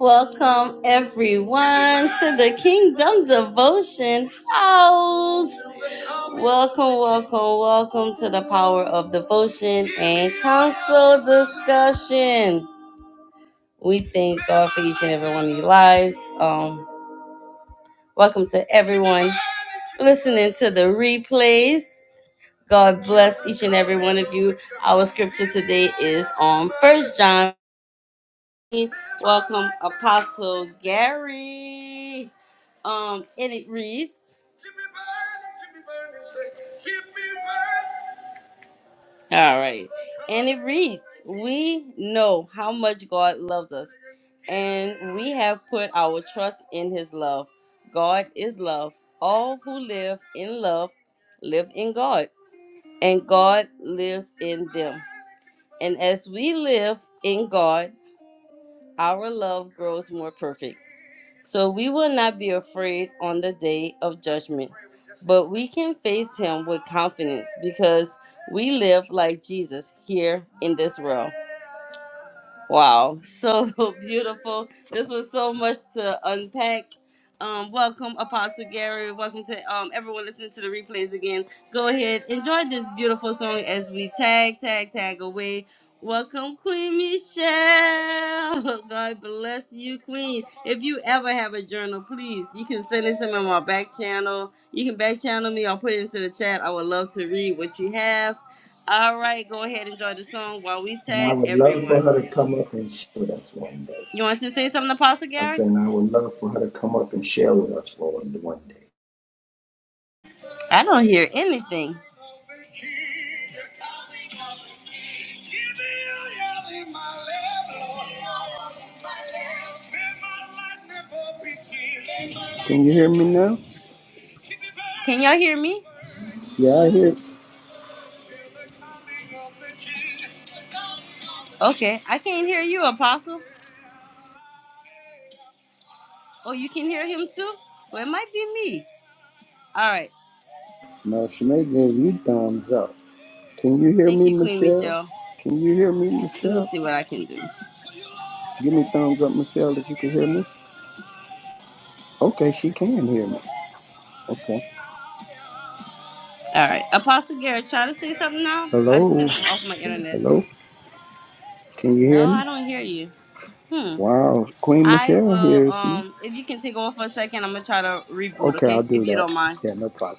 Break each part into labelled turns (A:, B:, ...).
A: Welcome everyone to the Kingdom Devotion House. Welcome, welcome, welcome to the Power of Devotion and counsel Discussion. We thank God for each and every one of your lives. Um, welcome to everyone listening to the replays. God bless each and every one of you. Our scripture today is on First John Welcome, Apostle Gary. Um, and it reads, all right, and it reads, we know how much God loves us, and we have put our trust in His love. God is love. All who live in love live in God, and God lives in them. And as we live in God, our love grows more perfect. So we will not be afraid on the day of judgment, but we can face him with confidence because we live like Jesus here in this world. Wow, so beautiful. This was so much to unpack. Um, welcome, Apostle Gary. Welcome to um, everyone listening to the replays again. Go ahead, enjoy this beautiful song as we tag, tag, tag away. Welcome, Queen Michelle. God bless you, Queen. If you ever have a journal, please, you can send it to me on my back channel. You can back channel me or put it into the chat. I would love to read what you have. All right, go ahead, enjoy the song while we
B: And I
A: tag
B: would love for
A: everyone.
B: her to come up and share with us one day.
A: You want to say something, Apostle
B: I
A: Gary?
B: said, and I would love for her to come up and share with us for one, one day.
A: I don't hear anything.
B: Can you hear me now?
A: Can y'all hear me?
B: Yeah, I hear.
A: Okay, I can't hear you, Apostle. Oh, you can hear him too? Well, it might be me. All right.
B: No, Shemay gave you thumbs up. Can you hear
A: Thank
B: me,
A: you, Queen
B: Michelle?
A: Michelle.
B: Can you hear me,
A: Let me
B: Michelle?
A: see what I can do.
B: Give me thumbs up, Michelle, if you can hear me. Okay, she can hear me. Okay.
A: All right. Apostle Garrett, try to say something now. I
B: Hello.
A: took off my internet.
B: Hello. Can you
A: No,
B: hear me?
A: I don't hear you. Hmm.
B: Wow, Queen
A: I
B: Michelle
A: will
B: hears me.
A: um if you can take over for a second, I'm gonna try to reboot,
B: Okay, I'll
A: okay? If
B: do
A: you
B: that.
A: don't mind.
B: Yeah, no problem.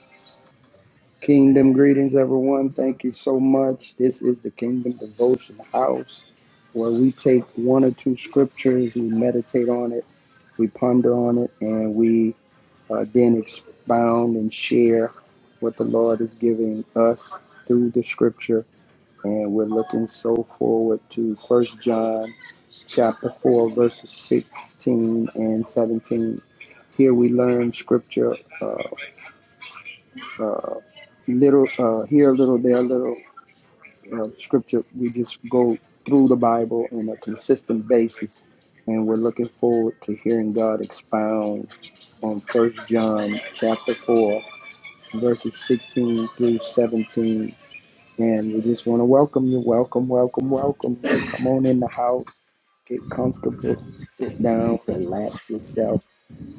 B: Kingdom greetings, everyone. Thank you so much. This is the Kingdom Devotion House where we take one or two scriptures, we meditate on it, we ponder on it, and we uh, then expound and share what the Lord is giving us through the scripture. And we're looking so forward to First John chapter 4, verses 16 and 17. Here we learn scripture uh, uh, little uh, here a little, there a little, uh, scripture. We just go through the Bible on a consistent basis, and we're looking forward to hearing God expound on First John chapter four, verses sixteen through seventeen. And we just want to welcome you. Welcome, welcome, welcome. Come on in the house. Get comfortable. Sit down. Relax yourself.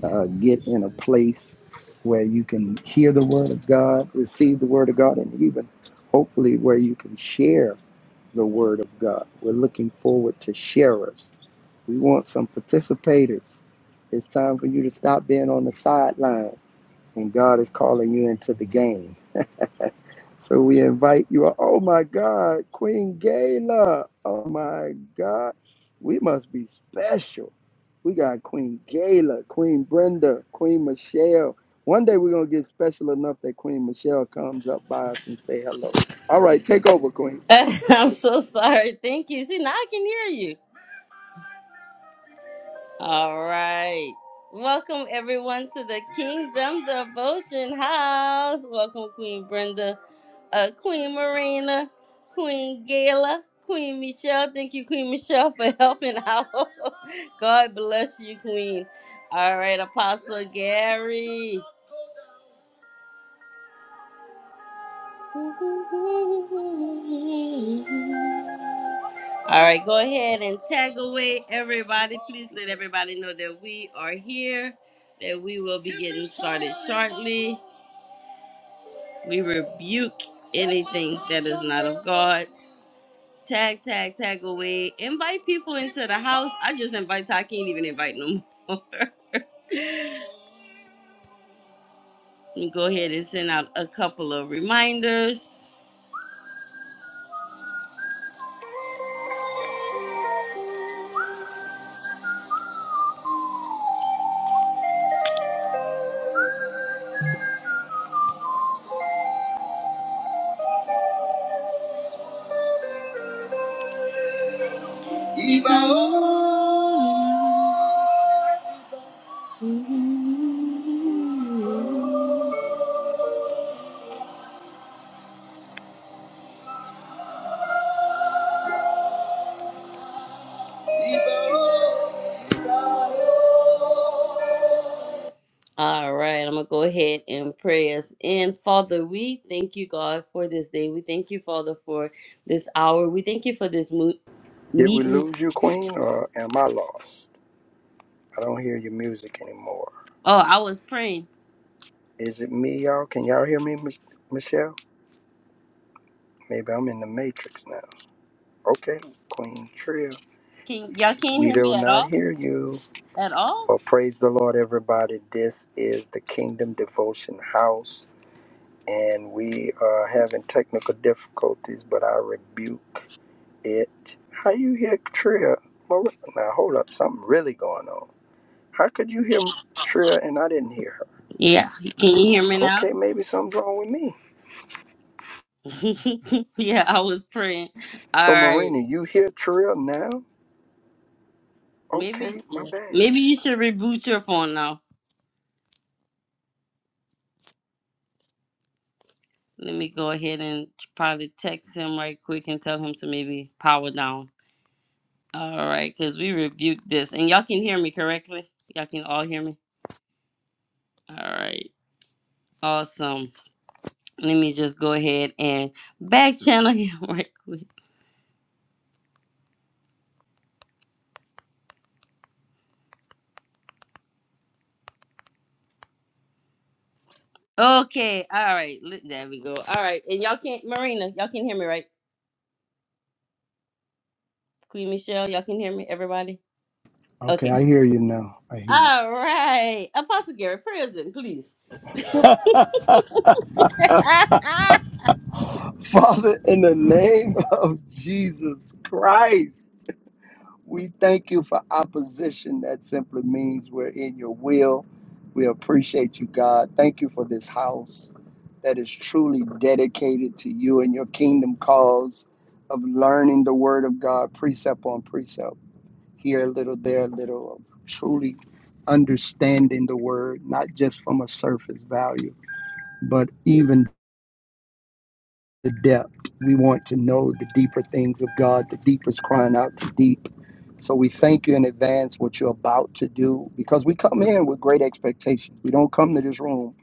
B: Uh, get in a place where you can hear the word of God, receive the word of God, and even hopefully where you can share the Word of God. We're looking forward to sharers. We want some participators. It's time for you to stop being on the sideline, and God is calling you into the game. So we invite you. Oh my God, Queen Gala. Oh my God, we must be special. We got Queen Gala, Queen Brenda, Queen Michelle. One day we're gonna get special enough that Queen Michelle comes up by us and say hello. All right, take over, Queen.
A: I'm so sorry. Thank you. See now I can hear you. All right. Welcome everyone to the Kingdom Devotion House. Welcome, Queen Brenda. uh, Queen Marina, Queen Gala, Queen Michelle. Thank you, Queen Michelle, for helping out. God bless you, Queen. All right, Apostle Gary. All right, go ahead and tag away everybody. Please let everybody know that we are here, that we will be getting started shortly. We rebuke anything that is not of God. Tag, tag, tag away. Invite people into the house. I just invite. I can't even invite no more. Let me go ahead and send out a couple of reminders. All right, I'm gonna go ahead and pray us in. Father, we thank you, God, for this day. We thank you, Father, for this hour. We thank you for this mo-
B: Did we
A: meeting.
B: lose you, Queen, or am I lost? I don't hear your music anymore.
A: Oh, I was praying.
B: Is it me, y'all? Can y'all hear me, Mich- Michelle? Maybe I'm in the Matrix now. Okay, Queen Tria,
A: Can y'all can't
B: we
A: hear me
B: do
A: at
B: not
A: all?
B: hear you.
A: At all?
B: Well, praise the Lord, everybody. This is the Kingdom Devotion House, and we are having technical difficulties, but I rebuke it. How you hear Tria? Mar- Now, hold up, something really going on. How could you hear Tria and I didn't hear her?
A: Yeah. Can you hear me now?
B: Okay, maybe something's wrong with me.
A: yeah, I was praying. All
B: So,
A: right.
B: Marina, you hear Trill now?
A: Maybe
B: Okay, my
A: yeah.
B: bad.
A: Maybe you should reboot your phone now. Let me go ahead and probably text him right quick and tell him to maybe power down. All right, because we rebuked this. And y'all can hear me correctly? Y'all can all hear me? All right. Awesome. Let me just go ahead and back channel him right quick. Okay. All right. Li- There we go. All right. And y'all can't, Marina, y'all can hear me, right? Queen Michelle, y'all can hear me? Everybody? Okay.
B: Okay, I hear you now. I hear
A: All right. Apostle Gary, prayers in, please.
B: you. Father, in the name of Jesus Christ, we thank you for opposition. That simply means we're in your will. We appreciate you, God. Thank you for this house that is truly dedicated to you and your kingdom cause of learning the word of God, precept on precept. here a little, there a little, of truly understanding the word, not just from a surface value, but even the depth. We want to know the deeper things of God, the deepest crying out to deep. So we thank you in advance what you're about to do because we come in with great expectations. We don't come to this room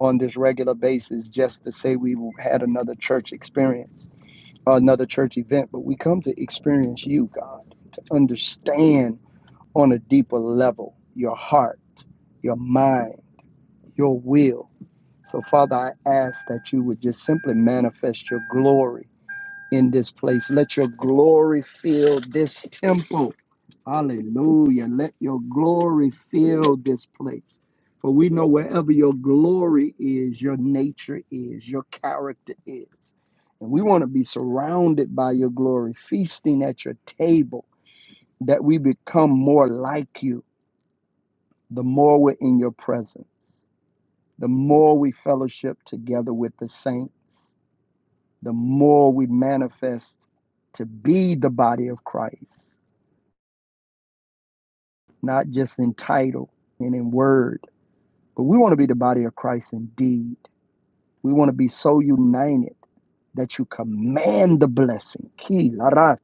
B: on this regular basis just to say we had another church experience or another church event, but we come to experience you, God, to understand on a deeper level your heart, your mind, your will. So, Father, I ask that you would just simply manifest your glory in this place. Let your glory fill this temple. Hallelujah. Let your glory fill this place. For we know wherever your glory is, your nature is, your character is. And we want to be surrounded by your glory, feasting at your table, that we become more like you the more we're in your presence, the more we fellowship together with the saints, the more we manifest to be the body of Christ, not just in title and in word, but we want to be the body of Christ in deed. We want to be so united that you command the blessing. Ki la ra,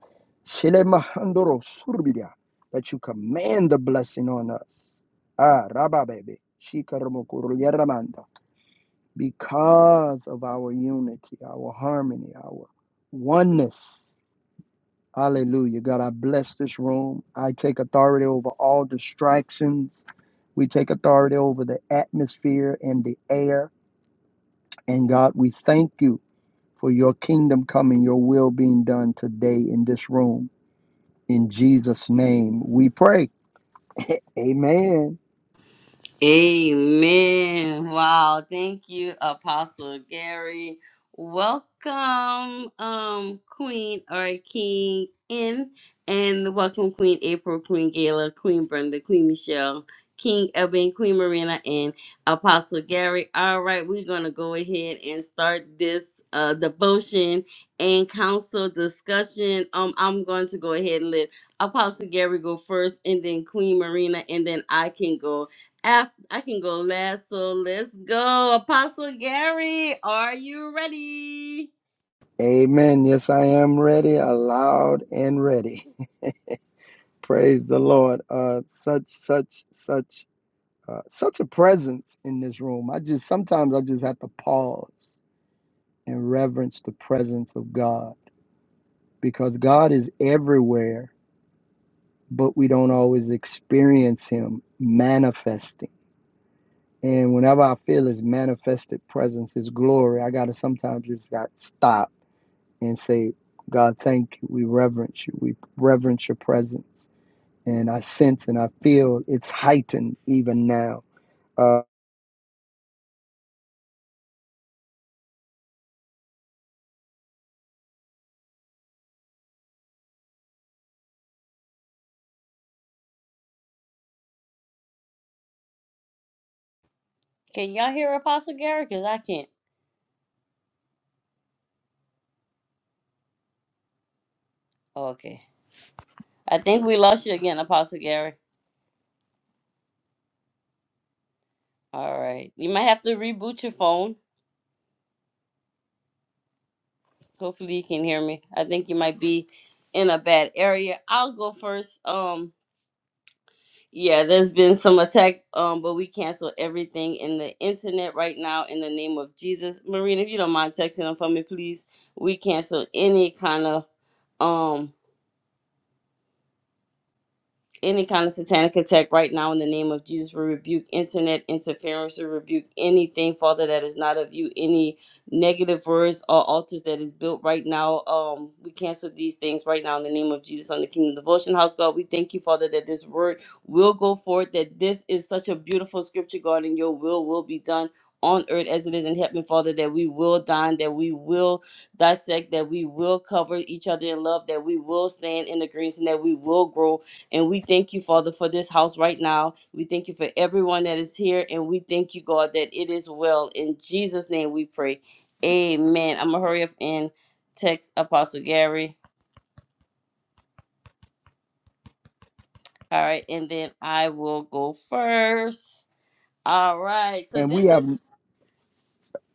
B: shele mahandoro surbida, That you command the blessing on us. Ah, Rabba baby. Shikaramokuru Yaramanda. because of our unity, our harmony, our oneness. Hallelujah. God, I bless this room. I take authority over all distractions. We take authority over the atmosphere and the air. And God, we thank you for your kingdom coming, your will being done today in this room. In Jesus' name we pray. Amen.
A: Amen. Wow. Thank you, Apostle Gary. Welcome, um, Queen or King in and welcome Queen April, Queen Gala, Queen Brenda, Queen Michelle, King Eben, Queen Marina, and Apostle Gary. All right, we're gonna go ahead and start this uh devotion and council discussion. Um, I'm going to go ahead and let Apostle Gary go first and then Queen Marina and then I can go Af- I can go last, so let's go. Apostle Gary, are you ready?
B: Amen. Yes, I am ready, aloud and ready. Praise the Lord. Uh, such, such, such, uh, such a presence in this room. I just sometimes I just have to pause and reverence the presence of God because God is everywhere, but we don't always experience Him manifesting. And whenever I feel His manifested presence, His glory, I gotta sometimes just got to stop and say, God, thank you. We reverence you. We reverence your presence. And I sense and I feel it's heightened even now Uh,
A: Can y'all hear Apostle Gary? Because I can't. Oh, okay. I think we lost you again, Apostle Gary. All right. You might have to reboot your phone. Hopefully you can hear me. I think you might be in a bad area. I'll go first. Um Yeah, there's been some attack, um, but we cancel everything in the internet right now in the name of Jesus. Marina, if you don't mind texting them for me, please. We cancel any kind of um any kind of satanic attack right now in the name of Jesus. We rebuke internet interference. We rebuke anything, Father, that is not of you. Any negative words or altars that is built right now. Um, we cancel these things right now in the name of Jesus on the Kingdom Devotion House, God. We thank you, Father, that this word will go forth. That this is such a beautiful scripture, God, and your will will be done. On earth as it is in heaven, Father, that we will dine, that we will dissect, that we will cover each other in love, that we will stand in the greens, and that we will grow and we thank you, Father, for this house right now. We thank you for everyone that is here. And we thank you, God, that it is well. In Jesus' name we pray. Amen. I'm going to hurry up and text Apostle Gary. All right. And then I will go first. All right. So
B: and
A: this
B: we
A: is,
B: have,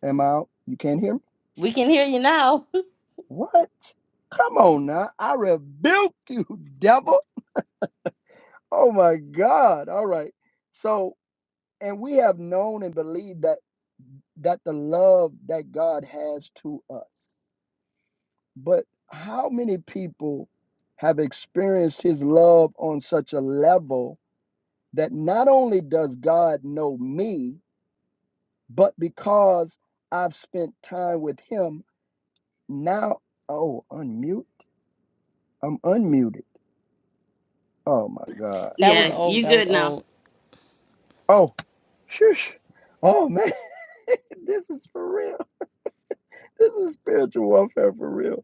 B: am I You can't hear me?
A: we can hear you now.
B: What? Come on now. I rebuke you, devil. Oh my God. All right. So, and we have known and believed that that the love that God has to us. But how many people have experienced his love on such a level that not only does God know me, but because I've spent time with him, now, oh, unmute. I'm unmuted. Oh my God.
C: That was
A: Yeah,
C: old.
A: you
C: That was
A: good now.
C: old.
B: Oh, shush. Oh man, this is for real. This is spiritual warfare for real.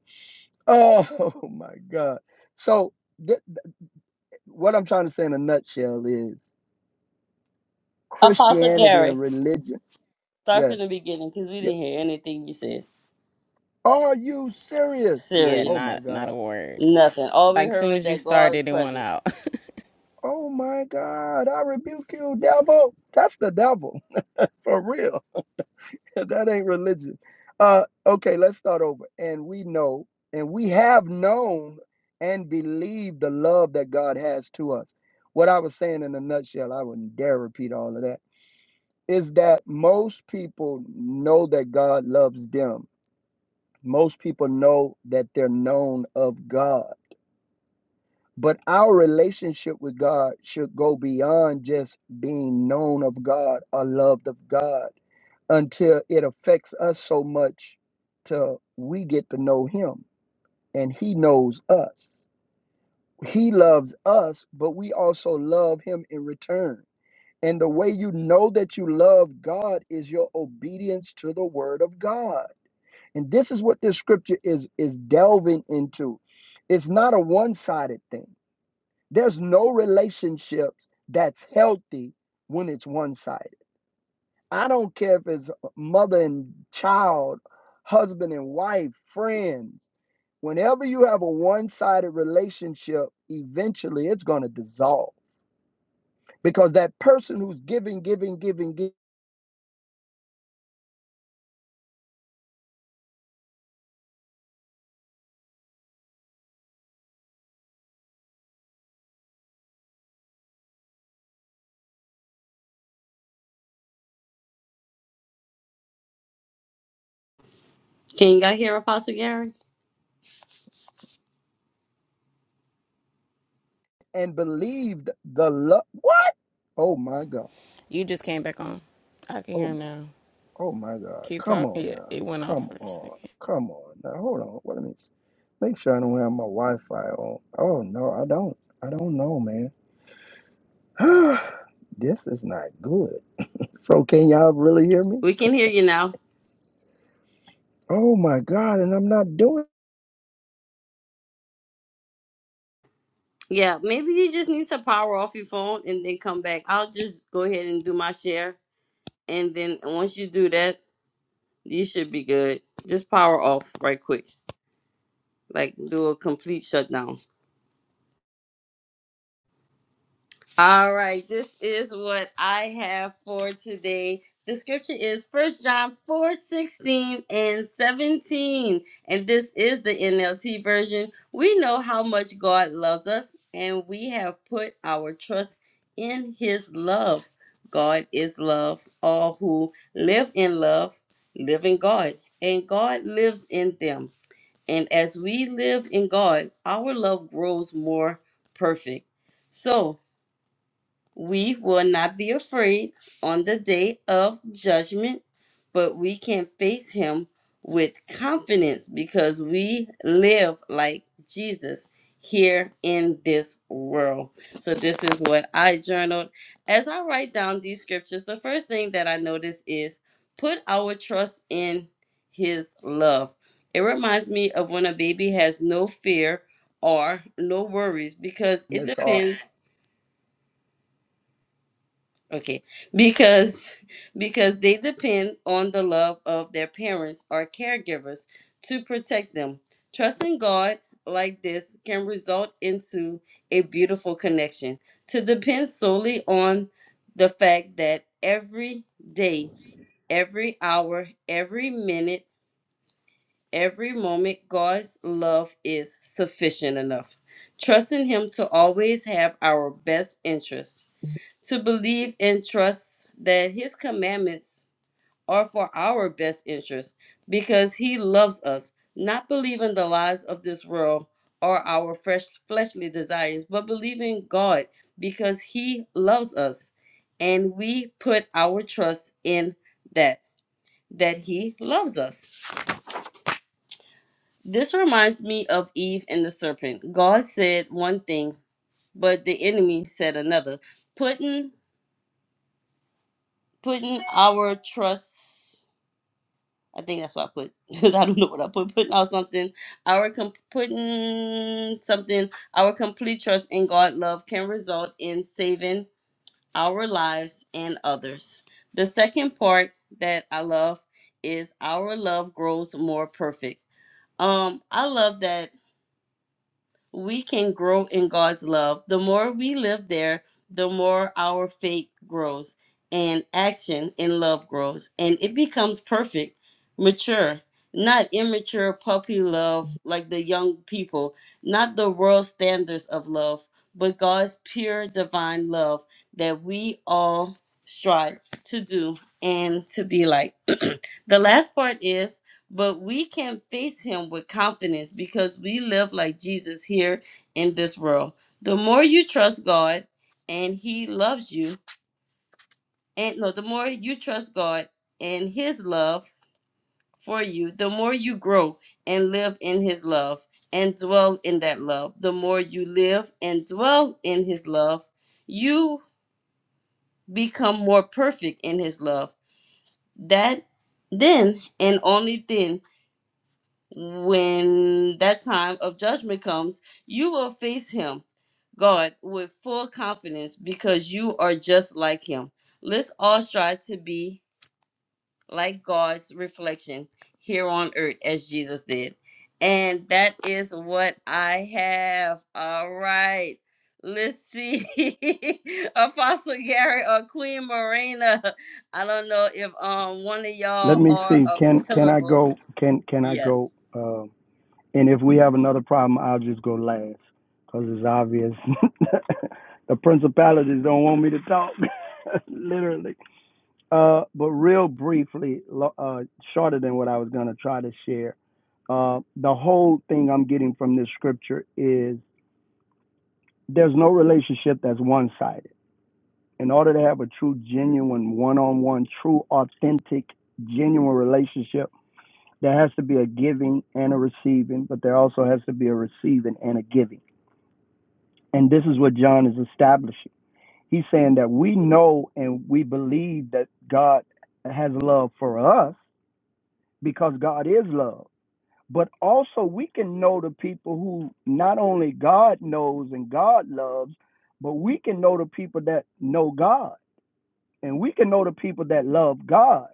B: Oh my God. So, th- th- what I'm trying to say in a nutshell is
A: Apostle
B: Christianity
A: Gary,
B: and religion.
A: start from the
B: Yes.
A: beginning because we
B: Yeah.
A: didn't hear anything you said.
B: Are you serious?
C: Yeah,
B: Oh
A: Serious.
B: my
C: not not a
B: God.
C: word.
A: Nothing. All we
C: Like
A: heard
C: soon
A: was
C: as you
A: that God's
C: started, it went
A: presence.
C: out.
B: Oh my God. I rebuke you, devil. That's the devil for real. that ain't religion. Uh, okay, let's start over. And we know, and we have known and believed the love that God has to us. What I was saying in a nutshell, I wouldn't dare repeat all of that, is that most people know that God loves them. Most people know that they're known of God. But our relationship with God should go beyond just being known of God or loved of God until it affects us so much till we get to know him and he knows us. He loves us, but we also love him in return. And the way you know that you love God is your obedience to the word of God. And this is what this scripture is is delving into. It's not a one-sided thing. There's no relationships that's healthy when it's one-sided I don't care if it's mother and child, husband and wife, friends. Whenever you have a one sided relationship, eventually it's going to dissolve because that person who's giving, giving, giving, giving,
A: Can you guys hear Apostle Gary?
B: and believed the love. What? Oh my God.
C: You just came back on. I can hear
B: Oh
C: him
B: my.
C: now.
B: Oh my God.
C: Keep
B: Come
C: talking.
B: on
C: Yeah,
B: now.
C: it went off
B: Come
C: for a
B: on.
C: second.
B: Come on now. Hold on. What a minute. Make sure I don't have my Wi Fi on. Oh no, I don't. I don't know, man. this is not good. So can y'all really hear me?
A: We can hear you now.
B: Oh my God! And I'm not doing
A: Yeah, maybe you just need to power off your phone and then come back. I'll just go ahead and do my share. And then once you do that, you should be good. Just power off right quick. Like do a complete shutdown. All right, this is what I have for today. The scripture is First John 4 16 and 17. And this is the NLT version. We know how much God loves us, and we have put our trust in his love. God is love. All who live in love live in God, and God lives in them. And as we live in God, our love grows more perfect. So, we will not be afraid on the day of judgment, but we can face him with confidence because we live like Jesus here in this world. So, this is what I journaled. As I write down these scriptures, the first thing that I notice is put our trust in his love. It reminds me of when a baby has no fear or no worries because it
B: this hard.
A: depends Okay, because because they depend on the love of their parents or caregivers to protect them. Trusting God like this can result into a beautiful connection. To depend solely on the fact that every day, every hour, every minute, every moment God's love is sufficient enough. Trusting him to always have our best interests to believe and trust that his commandments are for our best interest because he loves us, not believing the lies of this world or our fresh fleshly desires, but believing God because he loves us and we put our trust in that that he loves us. This reminds me of Eve and the serpent. God said one thing, but the enemy said another, putting putting our trust I think that's what I put. I don't know what I put. Putting out something. Our com- putting something. Our complete trust in God love can result in saving our lives and others. The second part that I love is our love grows more perfect. Um, I love that we can grow in God's love. The more we live there, the more our faith grows and action in love grows and it becomes perfect, mature, not immature puppy love like the young people, not the world standards of love, but God's pure divine love that we all strive to do and to be like. the last part is but we can face him with confidence because we live like Jesus here in this world. The more you trust God and he loves you, and no, the more you trust God and his love for you, the more you grow and live in his love and dwell in that love. The more you live and dwell in his love, you become more perfect in his love. That then and only then when that time of judgment comes, you will face him, God, with full confidence because you are just like him. Let's all strive to be like God's reflection here on earth as Jesus did. And that is what I have. All right. Let's see. Apostle Gary or Queen Morena. I don't know if um one of
B: Let
A: y'all
B: me
A: are
B: see. Can can I
A: available.
B: go? Can can I
A: Yes.
B: go? Um, and if we have another problem, I'll just go last because it's obvious. the principalities don't want me to talk, literally. Uh, but real briefly, lo- uh, shorter than what I was gonna try to share. Uh, the whole thing I'm getting from this scripture is there's no relationship that's one sided in order to have a true, genuine, one on one, true, authentic, genuine relationship, there has to be a giving and a receiving, but there also has to be a receiving and a giving. And this is what John is establishing. He's saying that we know and we believe that God has love for us because God is love. But also, we can know the people who not only God knows and God loves, but we can know the people that know God and we can know the people that love God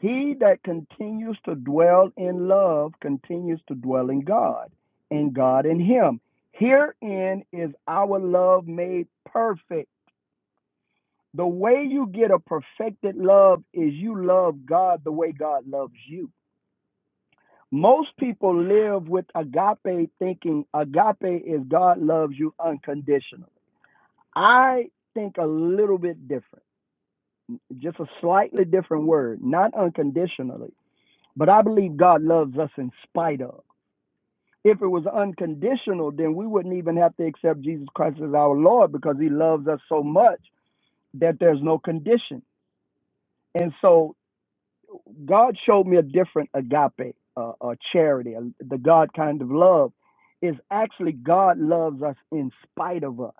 B: He that continues to dwell in love continues to dwell in God, and God in him. Herein is our love made perfect. The way you get a perfected love is you love God the way God loves you. Most people live with agape thinking agape is God loves you unconditional. I think a little bit different, just a slightly different word, not unconditionally, but I believe God loves us in spite of. If it was unconditional, then we wouldn't even have to accept Jesus Christ as our Lord because he loves us so much that there's no condition. And so God showed me a different agape, uh, uh, charity, uh, the God kind of love is actually God loves us in spite of us.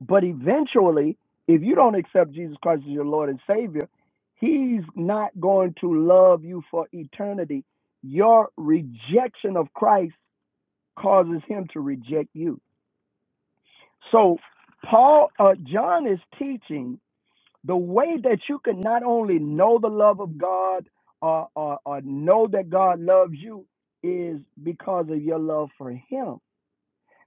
B: But eventually, if you don't accept Jesus Christ as your Lord and Savior, He's not going to love you for eternity. Your rejection of Christ causes Him to reject you. So Paul, uh, John is teaching the way that you can not only know the love of God or, or, or know that God loves you is because of your love for Him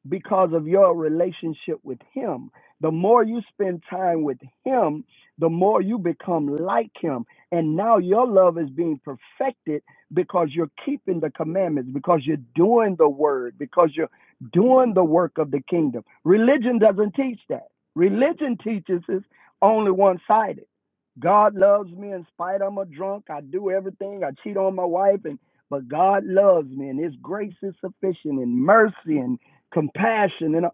B: because of your relationship with Him. The more you spend time with Him, the more you become like Him. And now your love is being perfected because you're keeping the commandments, because you're doing the word, because you're doing the work of the kingdom. Religion doesn't teach that. Religion teaches is only one sided. God loves me in spite I'm a drunk. I do everything. I cheat on my wife and but God loves me and his grace is sufficient and mercy and compassion and uh,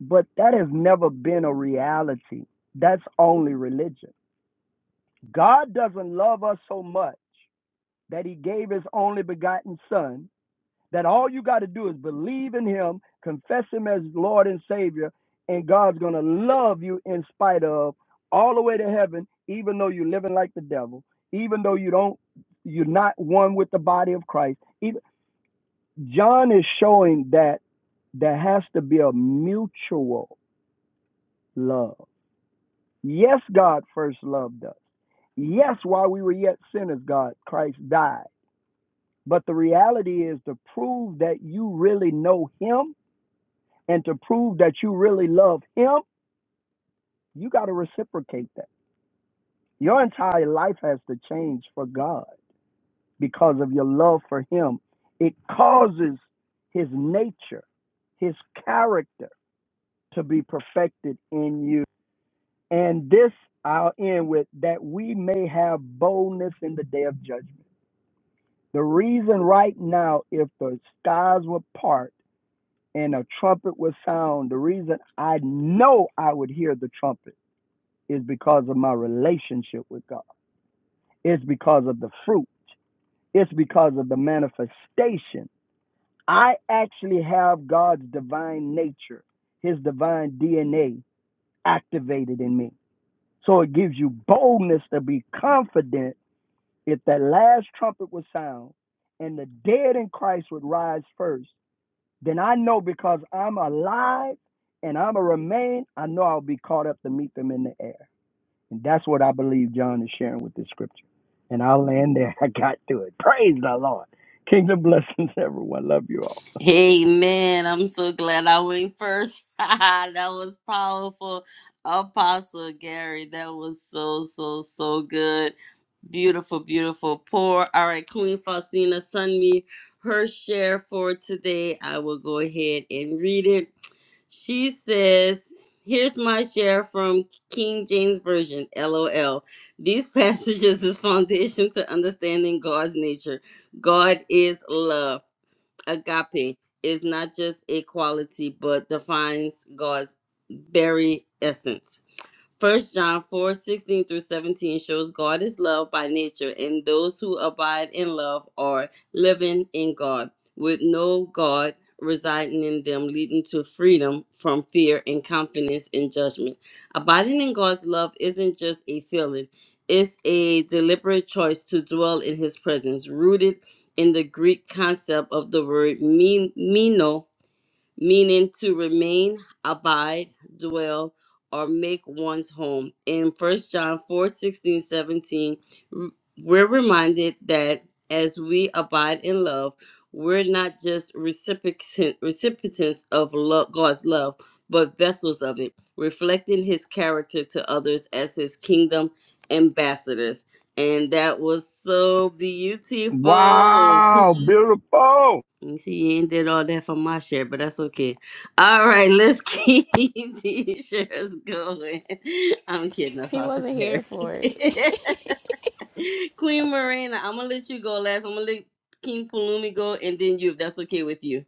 B: but that has never been a reality that's only religion god doesn't love us so much that he gave his only begotten son that all you got to do is believe in him confess him as lord and savior and god's going to love you in spite of all the way to heaven even though you're living like the devil even though you don't you're not one with the body of christ even, john is showing that there has to be a mutual love. Yes, God first loved us. Yes, while we were yet sinners, God, Christ died. But the reality is to prove that you really know Him and to prove that you really love Him, you got to reciprocate that. Your entire life has to change for God because of your love for Him. It causes His nature, His character to be perfected in you. And this I'll end with that we may have boldness in the day of judgment. The reason right now, if the skies were part and a trumpet would sound, the reason I know I would hear the trumpet is because of my relationship with God. It's because of the fruit. It's because of the manifestation. I actually have God's divine nature, his divine DNA activated in me. So it gives you boldness to be confident If that last trumpet would sound and the dead in Christ would rise first, then I know because I'm alive and I'm a remain, I know I'll be caught up to meet them in the air. And that's what I believe John is sharing with this scripture. And I'll land there. I got to it. Praise the Lord. Kingdom blessings, everyone. Love you all.
A: Hey man, I'm so glad I went first. that was powerful. Apostle Gary, that was so, so, so good. Beautiful, beautiful pour. All right, Queen Faustina, send me her share for today. I will go ahead and read it. She says, Here's my share from King James Version, LOL. These passages is foundation to understanding God's nature. God is love agape is not just a quality but defines God's very essence. First John 4:16 through 17 shows God is love by nature, and those who abide in love are living in God, with no God residing in them, leading to freedom from fear and confidence in judgment. Abiding in God's love isn't just a feeling, it's a deliberate choice to dwell in his presence, rooted in the Greek concept of the word meno meaning to remain, abide, dwell, or make one's home. In First John 4 16, seventeen, r- we're reminded that as we abide in love, we're not just recipient, recipients of love, God's love, but vessels of it, reflecting his character to others as his kingdom ambassadors. And that was so beautiful.
B: Wow, beautiful.
A: You see, you ain't did all that for my share, but that's okay. All right, let's keep these shares going. I'm kidding,
C: He
A: Apostle
C: wasn't
A: Terry.
C: here for it.
A: Queen Marina, I'm gonna let you go last. I'm gonna let King Palumi go, and then you, if that's okay with you.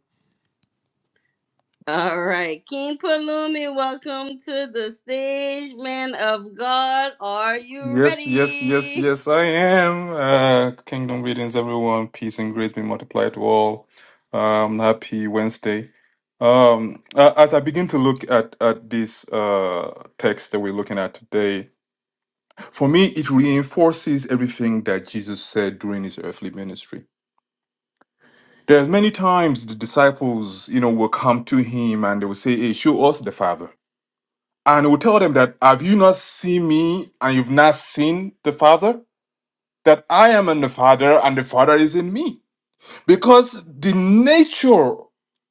A: All right, King Palumi, welcome to the stage, man of God. Are you
D: Yes, yes, yes,
A: ready?
D: yes, I am. Uh, kingdom greetings, everyone. Peace and grace be multiplied to all. Um, happy Wednesday. Um, uh, as I begin to look at at this uh text that we're looking at today, for me, it reinforces everything that Jesus said during his earthly ministry. There's many times the disciples, you know, will come to him and they will say, "Hey, show us the Father." And he will tell them that, "Have you not seen me, and you've not seen the Father?" that I am in the Father and the Father is in me. Because the nature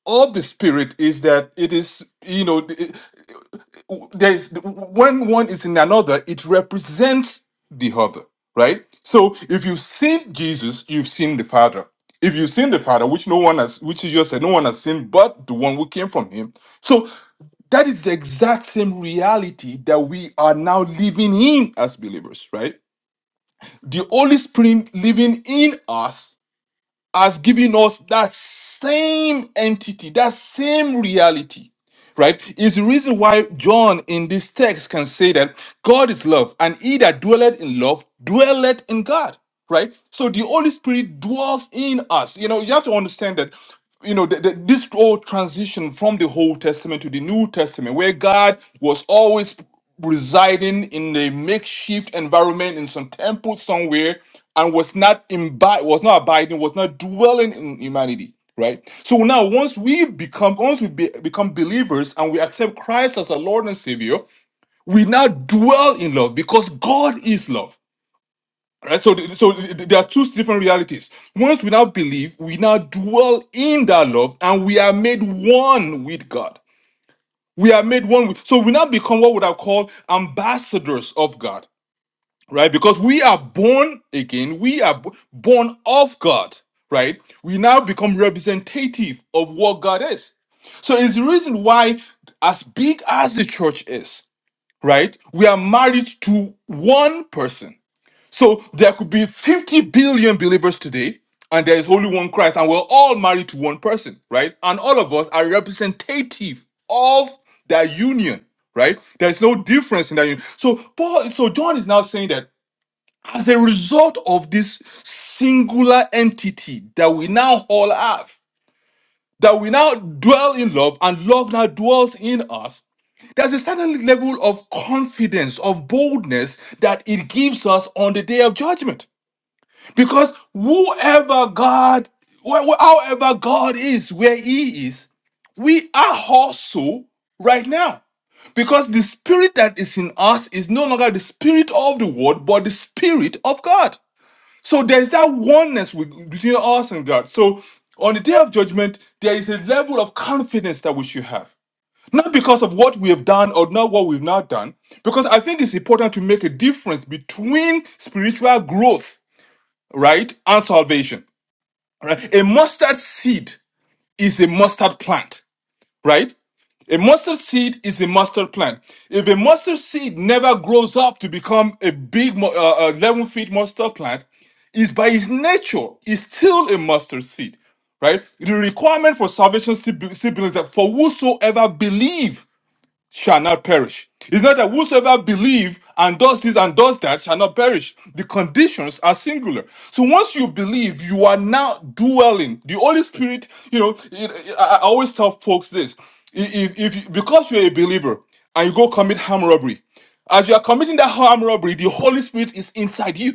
D: of the Spirit is that it is, you know, it- there's when one is in another, it represents the other, right? So if you've seen Jesus, you've seen the Father. If you've seen the Father, which no one has, which is just said, no one has seen but the one who came from him. So that is the exact same reality that we are now living in as believers, right? The Holy Spirit living in us has given us that same entity, that same reality right? is the reason why John in this text can say that God is love, and he that dwelleth in love dwelleth in God, right? So the Holy Spirit dwells in us. You know, you have to understand that. You know, the, the, this whole transition from the Old Testament to the New Testament, where God was always residing in a makeshift environment in some temple somewhere, and was not imbi- was not abiding, was not dwelling in humanity right so now once we become once we be, become believers and we accept christ as our lord and savior we now dwell in love because god is love right so th- so th- th- there are two different realities once we now believe we now dwell in that love and we are made one with god we are made one with so we now become what would i call ambassadors of god right? Because we are born again, we are b- born of God, right? We now become representative of what God is. So it's the reason why, as big as the church is, right, we are married to one person. So there could be 50 billion believers today, and there is only one Christ, and we're all married to one person, right? And all of us are representative of that union, right? There's no difference in that union. So Paul, so John is now saying that as a result of this singular entity that we now all have, that we now dwell in love and love now dwells in us, there's a certain level of confidence, of boldness that it gives us on the day of judgment. Because whoever God, wh- wh- however God is, where He is, we are also right now. Because the spirit that is in us is no longer the spirit of the world, but the spirit of God. So there's that oneness with, between us and God. So on the day of judgment, there is a level of confidence that we should have. Not because of what we have done or not what we've not done, because I think it's important to make a difference between spiritual growth, right, and salvation. Right? A mustard seed is a mustard plant right? A mustard seed is a mustard plant. If a mustard seed never grows up to become a big mu- uh, uh, 11 feet mustard plant, is by its nature, is still a mustard seed, right? The requirement for salvation still be- still believes that for whosoever believe shall not perish. It's not that whosoever believes and does this and does that shall not perish. The conditions are singular. So once you believe, you are now dwelling. The Holy Spirit, you know, it, it- I I always tell folks this: if, if you- because you're a believer and you go commit armed robbery, as you are committing that armed robbery, the Holy Spirit is inside you.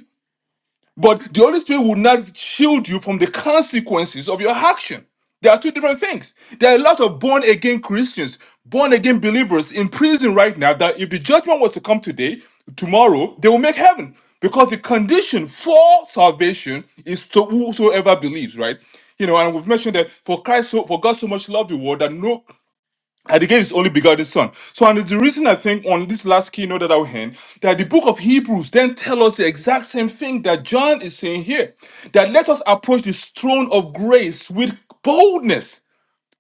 D: But the Holy Spirit will not shield you from the consequences of your action. There are two different things. There are a lot of born again Christians, born again believers in prison right now that if the judgment was to come today, tomorrow, they will make heaven. Because the condition for salvation is to whosoever believes, right? You know, and we've mentioned that for Christ, so, for God so much loved the world that no and he gave his only begotten son. So, and it's the reason I think on this last keynote that I will end, that the book of Hebrews then tell us the exact same thing that John is saying here, that let us approach this throne of grace with boldness,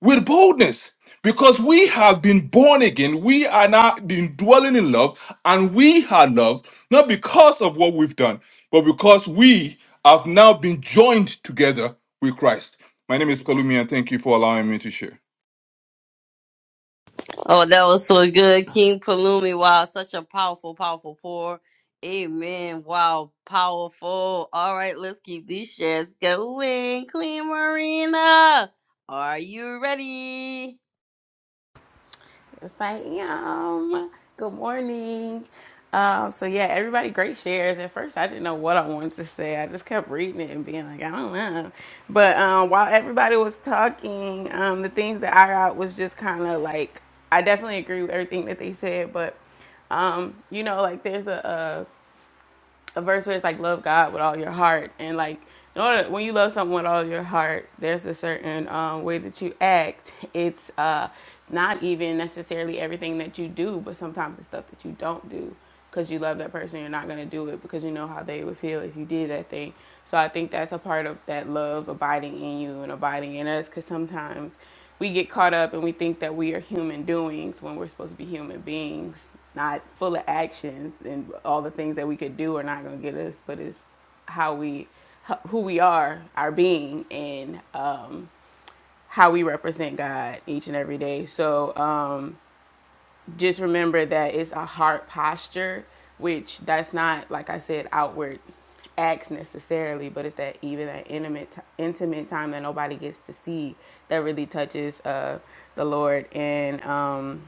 D: with boldness, because we have been born again, we are now been dwelling in love, and we are loved not because of what we've done, but because we have now been joined together with Christ. My name is Palumi, and thank you for allowing me to share.
A: Oh, that was so good. King Palumi. Wow, such a powerful, powerful pour. Amen. Wow, powerful. All right, let's keep these shares going. Queen Marina, are you ready?
C: It's like, yum. Good morning. Um, so yeah, everybody great shares. At first I didn't know what I wanted to say. I just kept reading it and being like, I don't know. But um while everybody was talking, um, the things that I got was just kinda like I definitely agree with everything that they said, but um, you know, like there's a, a verse where it's like love God with all your heart and like in order when you love someone with all your heart, there's a certain um, way that you act. It's uh, it's not even necessarily everything that you do, but sometimes it's stuff that you don't do because you love that person. You're not gonna do it because you know how they would feel if you did that thing. So I think that's a part of that love abiding in you and abiding in us because sometimes we get caught up and we think that we are human doings when we're supposed to be human beings not full of actions and all the things that we could do are not going to get us, but it's how we, who we are, our being, and um, how we represent God each and every day. So um, just remember that it's a heart posture, which that's not, like I said, outward acts necessarily, but it's that even that intimate intimate time that nobody gets to see that really touches uh, the Lord. And um,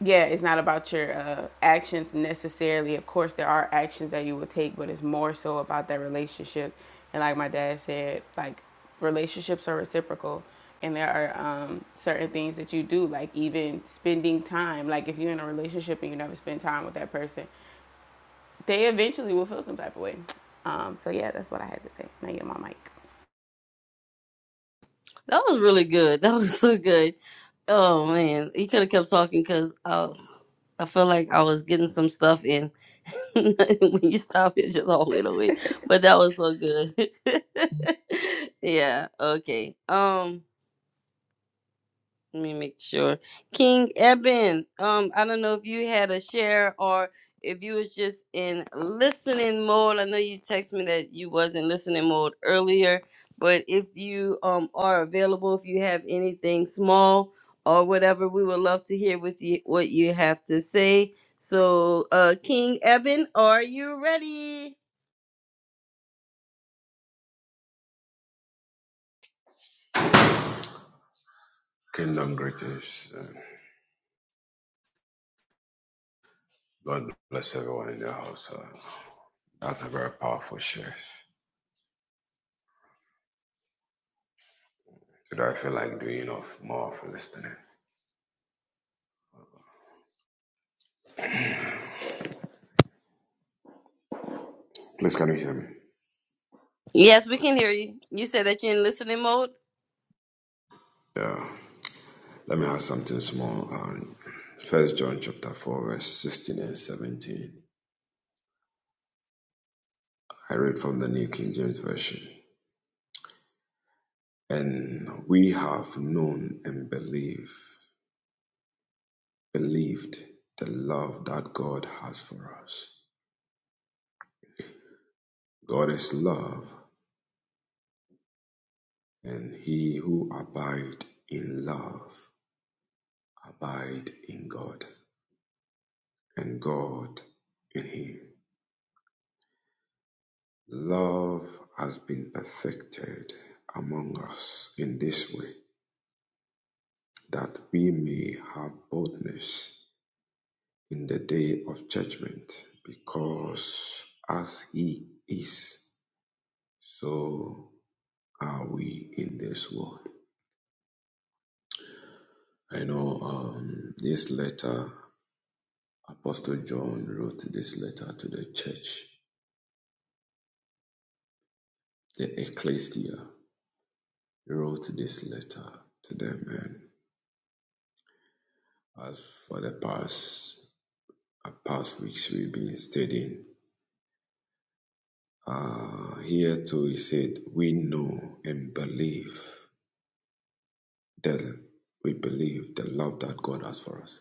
C: yeah, it's not about your uh, actions necessarily. Of course, there are actions that you will take, but it's more so about that relationship. And like my dad said, like relationships are reciprocal, and there are um, certain things that you do, like even spending time. Like if you're in a relationship and you never spend time with that person, they eventually will feel some type of way. Um, so yeah, that's what I had to say. Now you're my mic.
A: That was really good. That was so good. Oh, man. You could have kept talking because uh, I feel like I was getting some stuff in. when you stop, it just all went away. But that was so good. yeah, okay. Um. Let me make sure. King Eben, um, I don't know if you had a share or if you was just in listening mode. I know you text me that you was in listening mode earlier, but if you um are available, if you have anything small or whatever, we would love to hear with you what you have to say. So, uh, King Eben, are you ready?
E: Kingdom greetings. and God bless everyone in the house. Uh, that's a very powerful share. Today I feel like doing of more of listening. Please can you hear me?
A: Yes, we can hear you. You said that you're in listening mode.
E: Yeah. Let me add something small. First um, John chapter four verse sixteen and seventeen. I read from the New King James Version. And we have known and believed, believed the love that God has for us. God is love, and he who abides in love Abide in God and God in Him. Love has been perfected among us in this way that we may have boldness in the day of judgment, because as He is, so are we in this world. I know um, this letter, Apostle John wrote this letter to the church, the ecclesia. He wrote this letter to them and as for the past uh, past weeks we've been studying. Uh, here too he said, We know and believe that we believe the love that God has for us.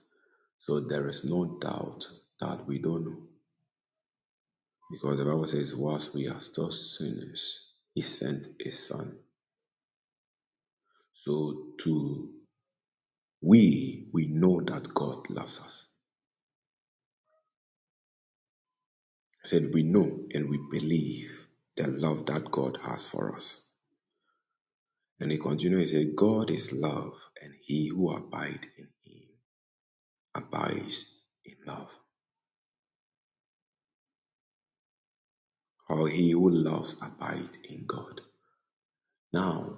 E: So there is no doubt that we don't know. Because the Bible says, whilst we are still sinners, he sent his son. So to we we know that God loves us. He said, We know and we believe the love that God has for us. And he continued, he said, God is love, and he who abides in him abides in love. Or he who loves abides in God. Now,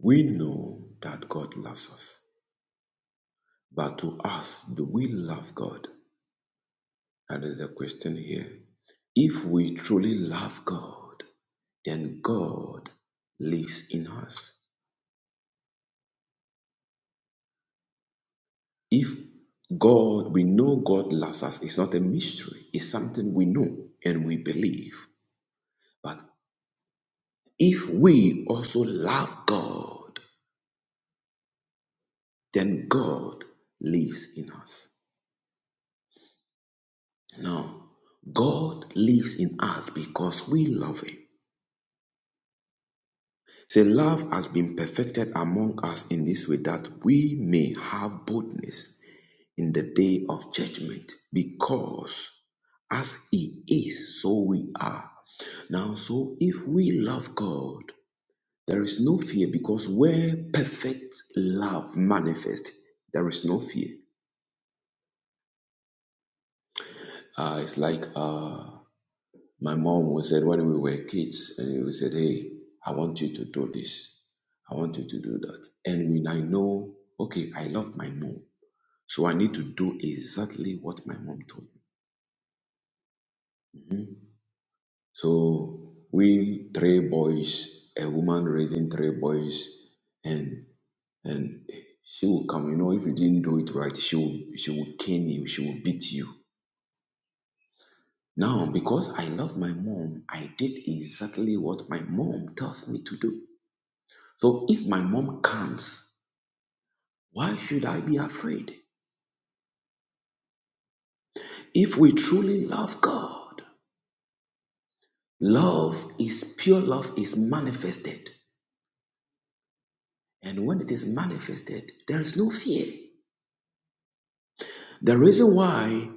E: we know that God loves us. But to us, do we love God? That is the question here. If we truly love God, then God lives in us. If God, we know God loves us, it's not a mystery, it's something we know and we believe. But if we also love God, then God lives in us. Now, God lives in us because we love Him. Say, love has been perfected among us in this way that we may have boldness in the day of judgment because as He is, so we are. Now, so if we love God, there is no fear because where perfect love manifests, there is no fear. Uh, it's like uh, my mom was said when we were kids, and we said, "Hey, I want you to do this. I want you to do that." And when I know, okay, I love my mom, so I need to do exactly what my mom told me. So we three boys, a woman raising three boys, and and she will come. You know, if you didn't do it right, she will she will cane you, she will beat you. Now, because I love my mom, I did exactly what my mom tells me to do. So if my mom comes, why should I be afraid? If we truly love God, love is pure love is manifested. And when it is manifested, there is no fear. The reason why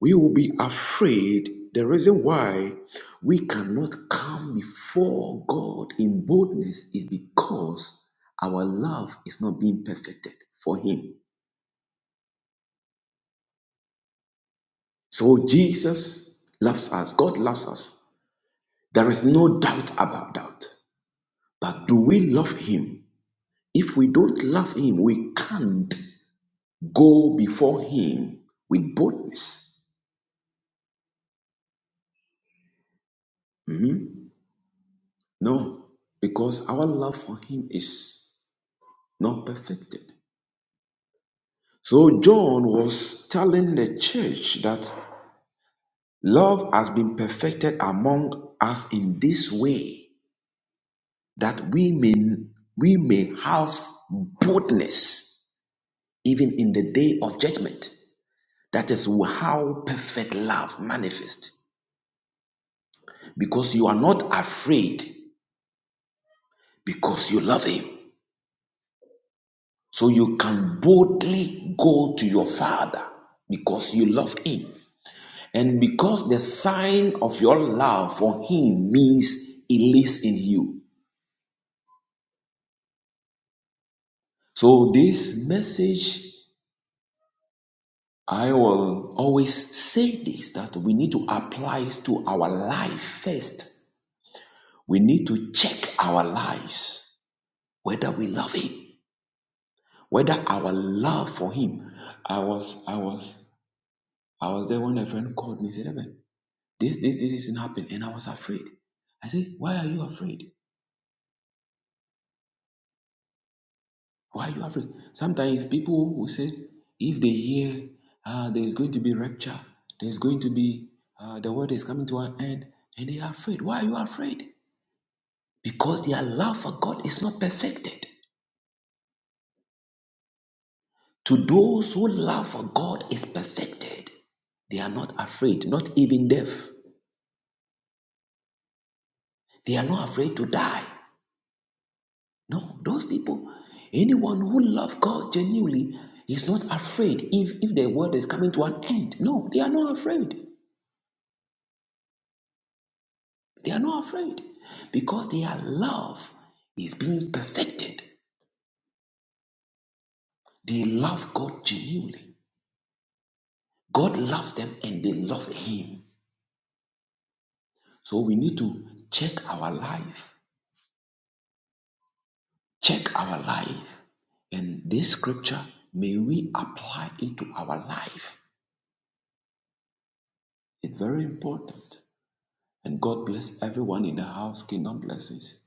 E: we will be afraid, the reason why we cannot come before God in boldness is because our love is not being perfected for Him. So Jesus loves us, God loves us. There is no doubt about that. But do we love Him? If we don't love Him, we can't go before Him with boldness. Mhm. No, because our love for Him is not perfected. So John was telling the church that love has been perfected among us in this way that we may we may have boldness even in the day of judgment. That is how perfect love manifests because you are not afraid because you love him. So you can boldly go to your father because you love him. And because the sign of your love for him means it lives in you. So, this message, I will always say this that we need to apply it to our life first. We need to check our lives whether we love him, whether our love for him. I was, I was, I was there when a friend called me and said, "Eben, this, this, this isn't happening. And I was afraid. I said, Why are you afraid? Why you afraid? Sometimes people will say, if they hear uh, there is going to be rapture, there is going to be uh, the world is coming to an end, and they are afraid. Why are you afraid? Because their love for God is not perfected. To those who love for God is perfected, they are not afraid, not even death. They are not afraid to die. No, those people, anyone who loves God genuinely is not afraid if, if the world is coming to an end. No, they are not afraid. They are not afraid because their love is being perfected. They love God genuinely. God loves them and they love Him. So we need to check our life, check our life. And this scripture, may we apply it to our life. It's very important. And God bless everyone in the house. Kingdom blessings.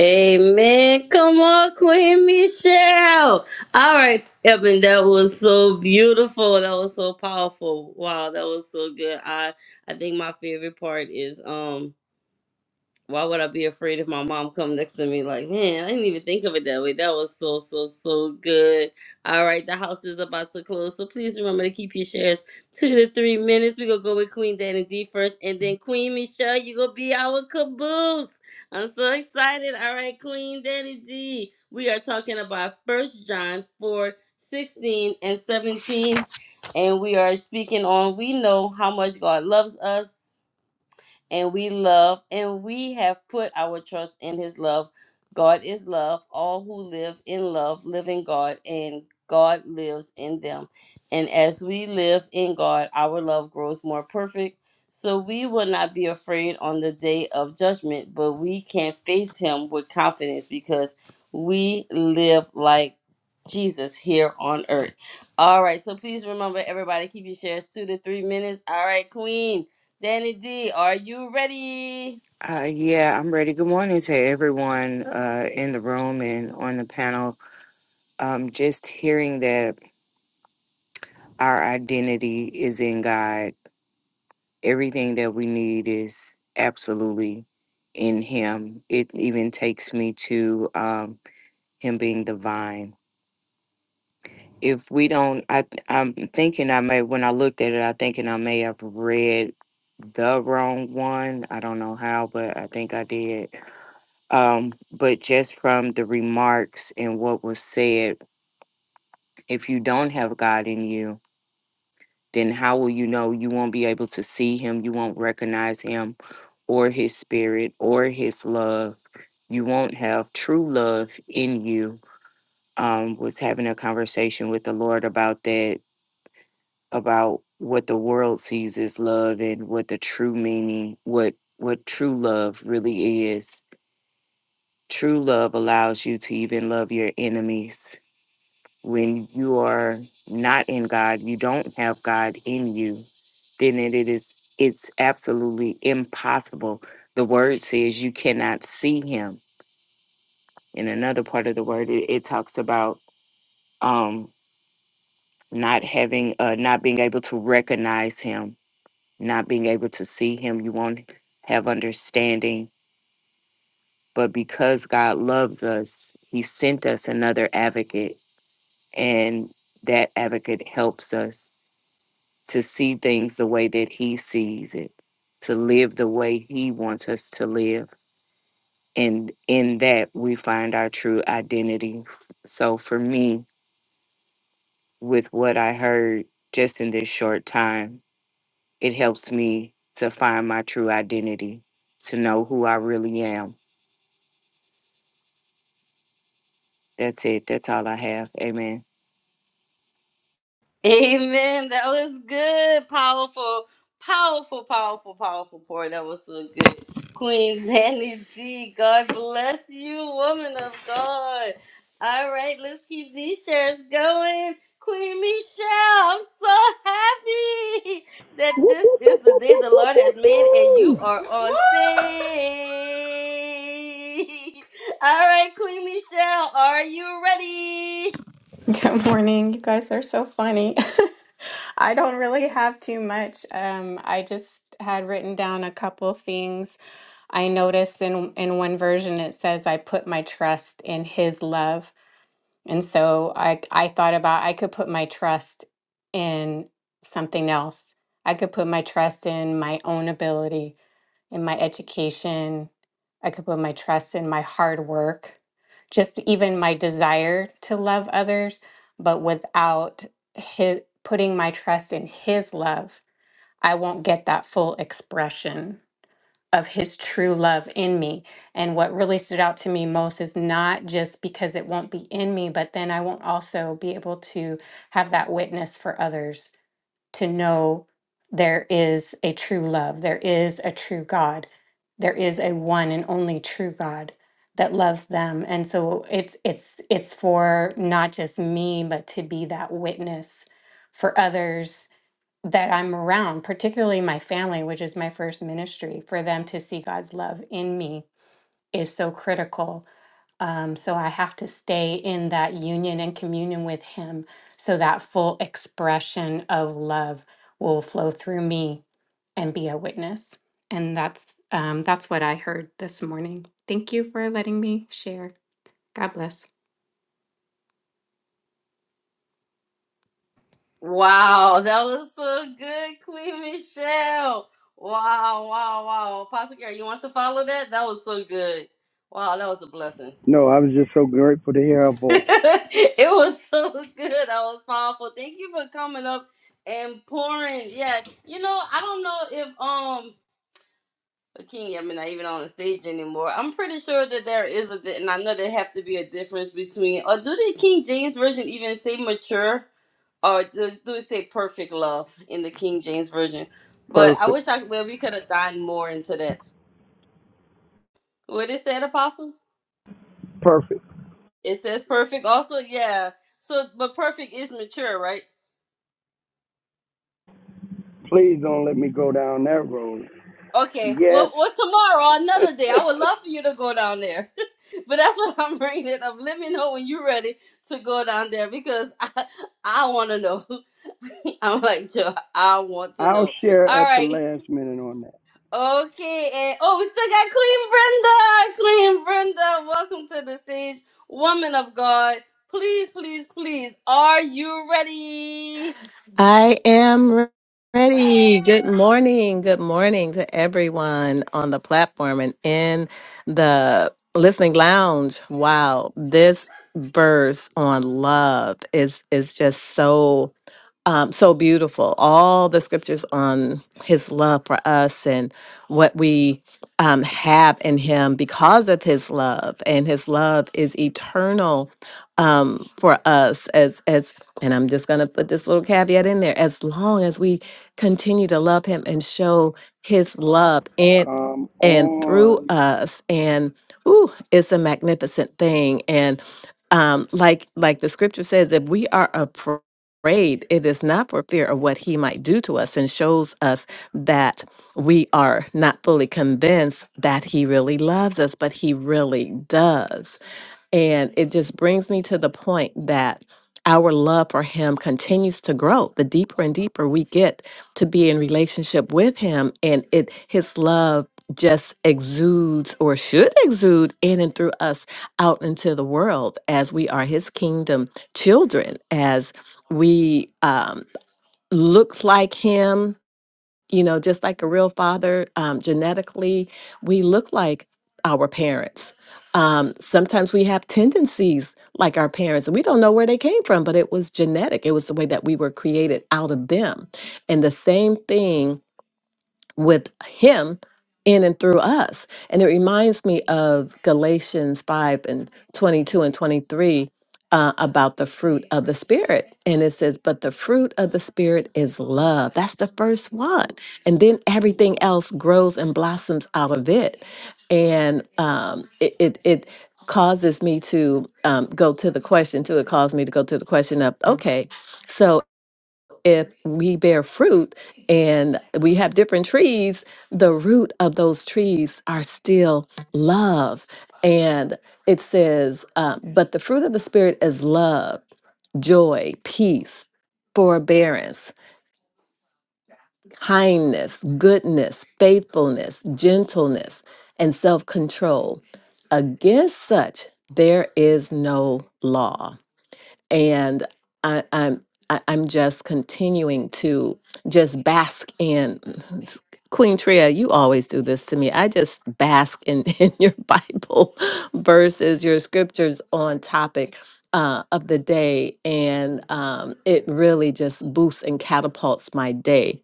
A: Amen. Come on, Queen Michelle. All right, Evan, that was so beautiful. That was so powerful. Wow, that was so good. I I think my favorite part is um why would I be afraid if my mom come next to me like, man, I didn't even think of it that way. That was so, so, so good. All right, the house is about to close. So please remember to keep your shares two to three minutes. We're gonna go with Queen Dan and D first, and then Queen Michelle, you gonna be our caboose. I'm so excited. All right, Queen Danny D. We are talking about First John 4 16 and 17. And we are speaking on we know how much God loves us and we love and we have put our trust in his love. God is love. All who live in love live in God and God lives in them. And as we live in God, our love grows more perfect. So we will not be afraid on the day of judgment, but we can face him with confidence because we live like Jesus here on earth. All right, so please remember everybody keep your shares two to three minutes. All right, Queen. Danny D, are you ready?
F: Uh, yeah, I'm ready. Good morning to everyone uh, in the room and on the panel. Um, just hearing that our identity is in God, everything that we need is absolutely in Him. It even takes me to um, Him being the vine. If we don't, I, I'm thinking I may, when I looked at it, I thinking I may have read the wrong one. I don't know how, but I think I did Um, but just from the remarks and what was said, if you don't have God in you, then how will you know you won't be able to see Him? You won't recognize Him or His Spirit or His love. You won't have true love in you. Um, was having a conversation with the Lord about that, about what the world sees as love and what the true meaning, what what true love really is. True love allows you to even love your enemies When you are not in God, you don't have God in you, then it it is it's absolutely impossible. The word says you cannot see him. In another part of the word, it, it talks about um not having uh not being able to recognize him, not being able to see him. You won't have understanding. But because God loves us, he sent us another advocate and that advocate helps us to see things the way that he sees it, to live the way he wants us to live. And in that, we find our true identity. So for me, with what I heard just in this short time, it helps me to find my true identity, to know who I really am. That's it. That's all I have. Amen.
A: Amen. That was good. Powerful, powerful, powerful, powerful pour. That was so good. Queen Danny D, God bless you, woman of God. All right, let's keep these shares going. Queen Michelle, I'm so happy
B: Woo,
A: that
B: woo,
A: this
B: woo,
A: is the
B: woo,
A: day
B: woo,
A: the
B: woo,
A: Lord
B: woo,
A: has made and you
B: woo.
A: are on stage. All right, Queen Michelle, are you ready?
G: Good morning. You guys are so funny. I don't really have too much. Um, I just had written down a couple things. I noticed in in one version it says I put my trust in his love. And so I I thought about I could put my trust in something else. I could put my trust in my own ability in my education. I could put my trust in my hard work, just even my desire to love others. But without his, putting my trust in his love, I won't get that full expression of his true love in me. And what really stood out to me most is not just because it won't be in me, but then I won't also be able to have that witness for others to know there is a true love, there is a true God, there is a one and only true God that loves them. And so it's it's it's for not just me, but to be that witness for others that I'm around, particularly my family, which is my first ministry, for them to see God's love in me is so critical um, so I have to stay in that union and communion with Him so that full expression of love will flow through me and be a witness. And that's um, that's what I heard this morning. Thank you for letting me share. God bless.
A: Wow, that was so good, Queen Michelle. Wow, wow, wow. Apostle Gary, you want to follow that? That was so good. Wow, that was a blessing.
B: No, I was just so grateful to hear her voice.
A: it was so good. That was powerful. Thank you for coming up and pouring. Yeah, you know, I don't know if um King I mean, not even on the stage anymore. I'm pretty sure that there is a, di- and I know there have to be a difference between. Or do the King James version even say mature? or does do it say perfect love in the King James version? But I
B: Perfect.
A: wish I well we could have gotten more into that. What it said, Apostle?
B: Perfect.
A: It says perfect. Also, yeah. So, but perfect is mature, right?
B: Please don't let me go down that road.
A: Okay. Well,
B: Yes.
A: well, tomorrow, another day. I would love for you to go down there, but that's what I'm bringing it up. Let me know when you're ready to go down there because I I want to know. I'm like, Joe, I want to
B: I'll
A: know.
B: share
A: All
B: at the
A: right.
B: last minute on that.
A: Okay, and oh, we still got Queen Brenda. Queen Brenda, welcome to the stage, woman of God. Please, please, please, are you ready?
H: I am ready. Good morning. Good morning to everyone on the platform and in the listening lounge. Wow, this verse on love is is just so um, so beautiful. All the scriptures on his love for us and what we um, have in him because of his love, and his love is eternal um, for us. As as, and I'm just gonna put this little caveat in there: as long as we continue to love him and show his love in
B: Come
H: and through
B: on.
H: us, and ooh, it's a magnificent thing. And um, like like the scripture says, if we are a afraid, it is not for fear of what he might do to us and shows us that we are not fully convinced that he really loves us, but he really does. And it just brings me to the point that our love for him continues to grow the deeper and deeper we get to be in relationship with him and it his love just exudes or should exude in and through us out into the world as we are his kingdom children as we um, look like him you know, just like a real father, um, genetically, we look like our parents. Um, sometimes we have tendencies like our parents, and we don't know where they came from, but it was genetic. It was the way that we were created out of them. And the same thing with him in and through us. And it reminds me of Galatians 5 and 22 and 23 uh, about the fruit of the Spirit. And it says, But the fruit of the Spirit is love. That's the first one. And then everything else grows and blossoms out of it. And um, it, it, it causes me to um, go to the question, too. It caused me to go to the question of, okay, so if we bear fruit and we have different trees, the root of those trees are still love. And it says, um, but the fruit of the Spirit is love, joy, peace, forbearance, kindness, goodness, faithfulness, gentleness, and self control. Against such, there is no law and I, I'm I, I'm just continuing to just bask in Queen Tria. You always do this to me. I just bask in in your Bible verses, your scriptures on topic. Uh, of the day, and um, it really just boosts and catapults my day.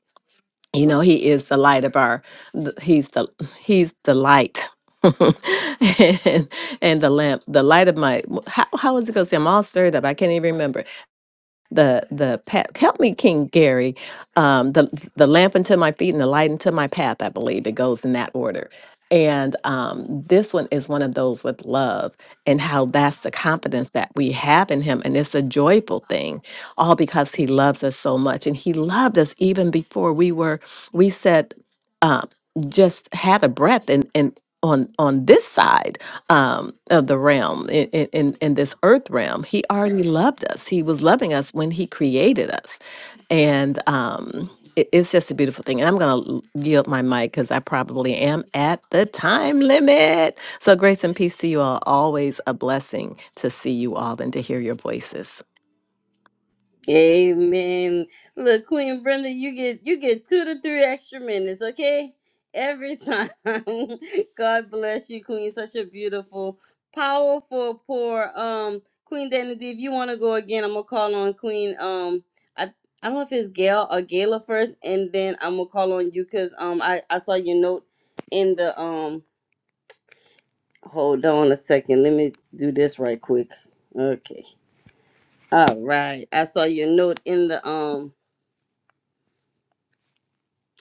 H: You know, he is the light of our. th- He's the he's the light, and and the lamp, the light of my. How, how was it going to say? I'm all stirred up. I can't even remember the the path. Help me, King Gary. Um, the the lamp unto my feet and the light unto my path. I believe it goes in that order. And um, this one is one of those with love and how that's the confidence that we have in Him, and it's a joyful thing, all because He loves us so much, and He loved us even before we were. We said. um, just had a breath and and on on this side um of the realm in in in in this earth realm he already loved us he was loving us when he created us and um it- it's just a beautiful thing and i'm gonna l- yield my mic because i probably am at the time limit so grace and peace to you all always a blessing to see you all and to hear your voices
A: Amen. Look, Queen Brenda, you get you get two to three extra minutes, okay? Every time. God bless you, Queen. Such a beautiful, powerful pour. Um, Queen Danity, if you want to go again, I'm gonna call on Queen. Um, I I don't know if it's Gail or Gala first, and then I'm gonna call on you because um I I saw your note in the um. Hold on a second. Let me do this right quick. Okay. All right. I saw your note in the um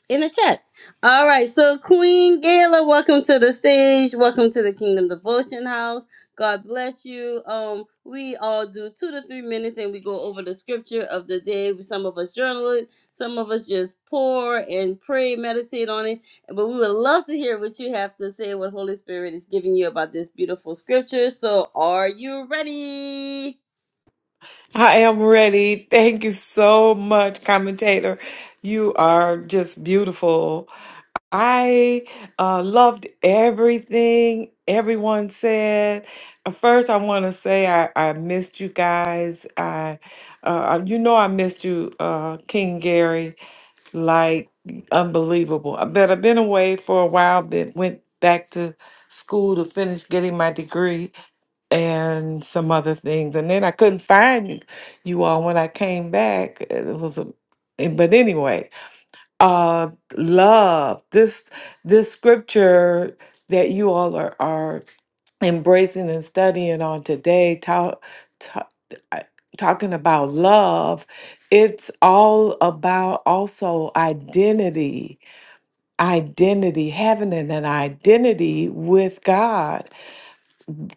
A: in the chat. All right, so Queen Gala, welcome to the stage. Welcome to the Kingdom Devotion House. God bless you. Um, we all do two to three minutes, and we go over the scripture of the day. Some of us journal it, some of us just pour and pray, meditate on it. But we would love to hear what you have to say, what Holy Spirit is giving you about this beautiful scripture. So, are you ready?
I: I am ready. Thank you so much, commentator. You are just beautiful. I uh, loved everything everyone said. Uh, First, I want to say I, I missed you guys. I, uh, you know, I missed you, uh, King Gary, like unbelievable. I bet I've been away for a while. Been went back to school to finish getting my degree, and some other things. And then I couldn't find you you all when I came back. It was a eh, but anyway, uh love this this scripture that you all are are embracing and studying on today talk, talk talking about love it's all about also identity identity having an an identity with God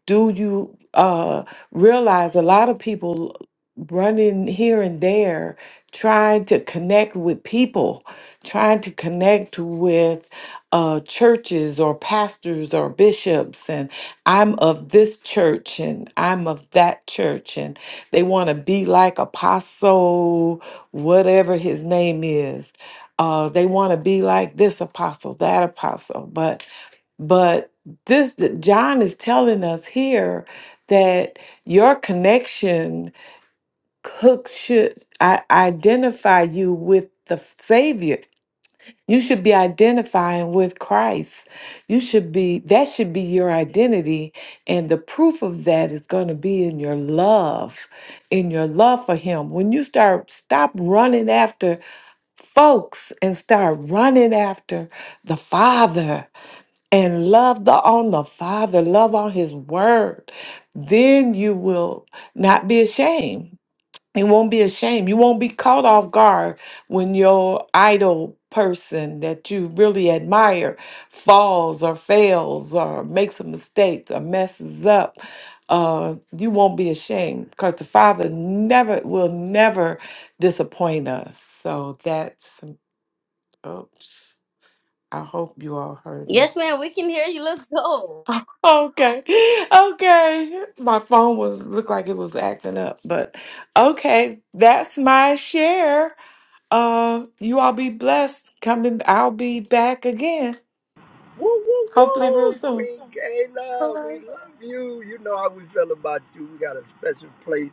I: do you uh, realize a lot of people running here and there trying to connect with people trying to connect with uh, churches or pastors or bishops and i'm of this church and i'm of that church and they want to be like apostle whatever his name is uh, they want to be like this apostle that apostle but but this John is telling us here that your connection hooks should I, identify you with the Savior. You should be identifying with Christ. You should be that should be your identity, and the proof of that is going to be in your love, in your love for Him. When you start stop running after folks and start running after the Father, and love the, on the Father, love on His Word, then you will not be ashamed. You won't be ashamed. You won't be caught off guard when your idol person that you really admire falls or fails or makes a mistake or messes up. Uh, you won't be ashamed because the Father never will never disappoint us. So that's, oops, I hope you all heard me.
A: Yes, ma'am. We can hear you. Let's go.
I: Oh, Okay. Okay. My phone was looked like it was acting up, but okay, that's my share. Uh you all be blessed. Coming I'll be back again.
B: Woo, woo,
I: Hopefully real
B: woo.
I: soon.
B: Queen
I: All
B: Kayla, we
I: right.
B: love you. You know how we feel about you. We got a special place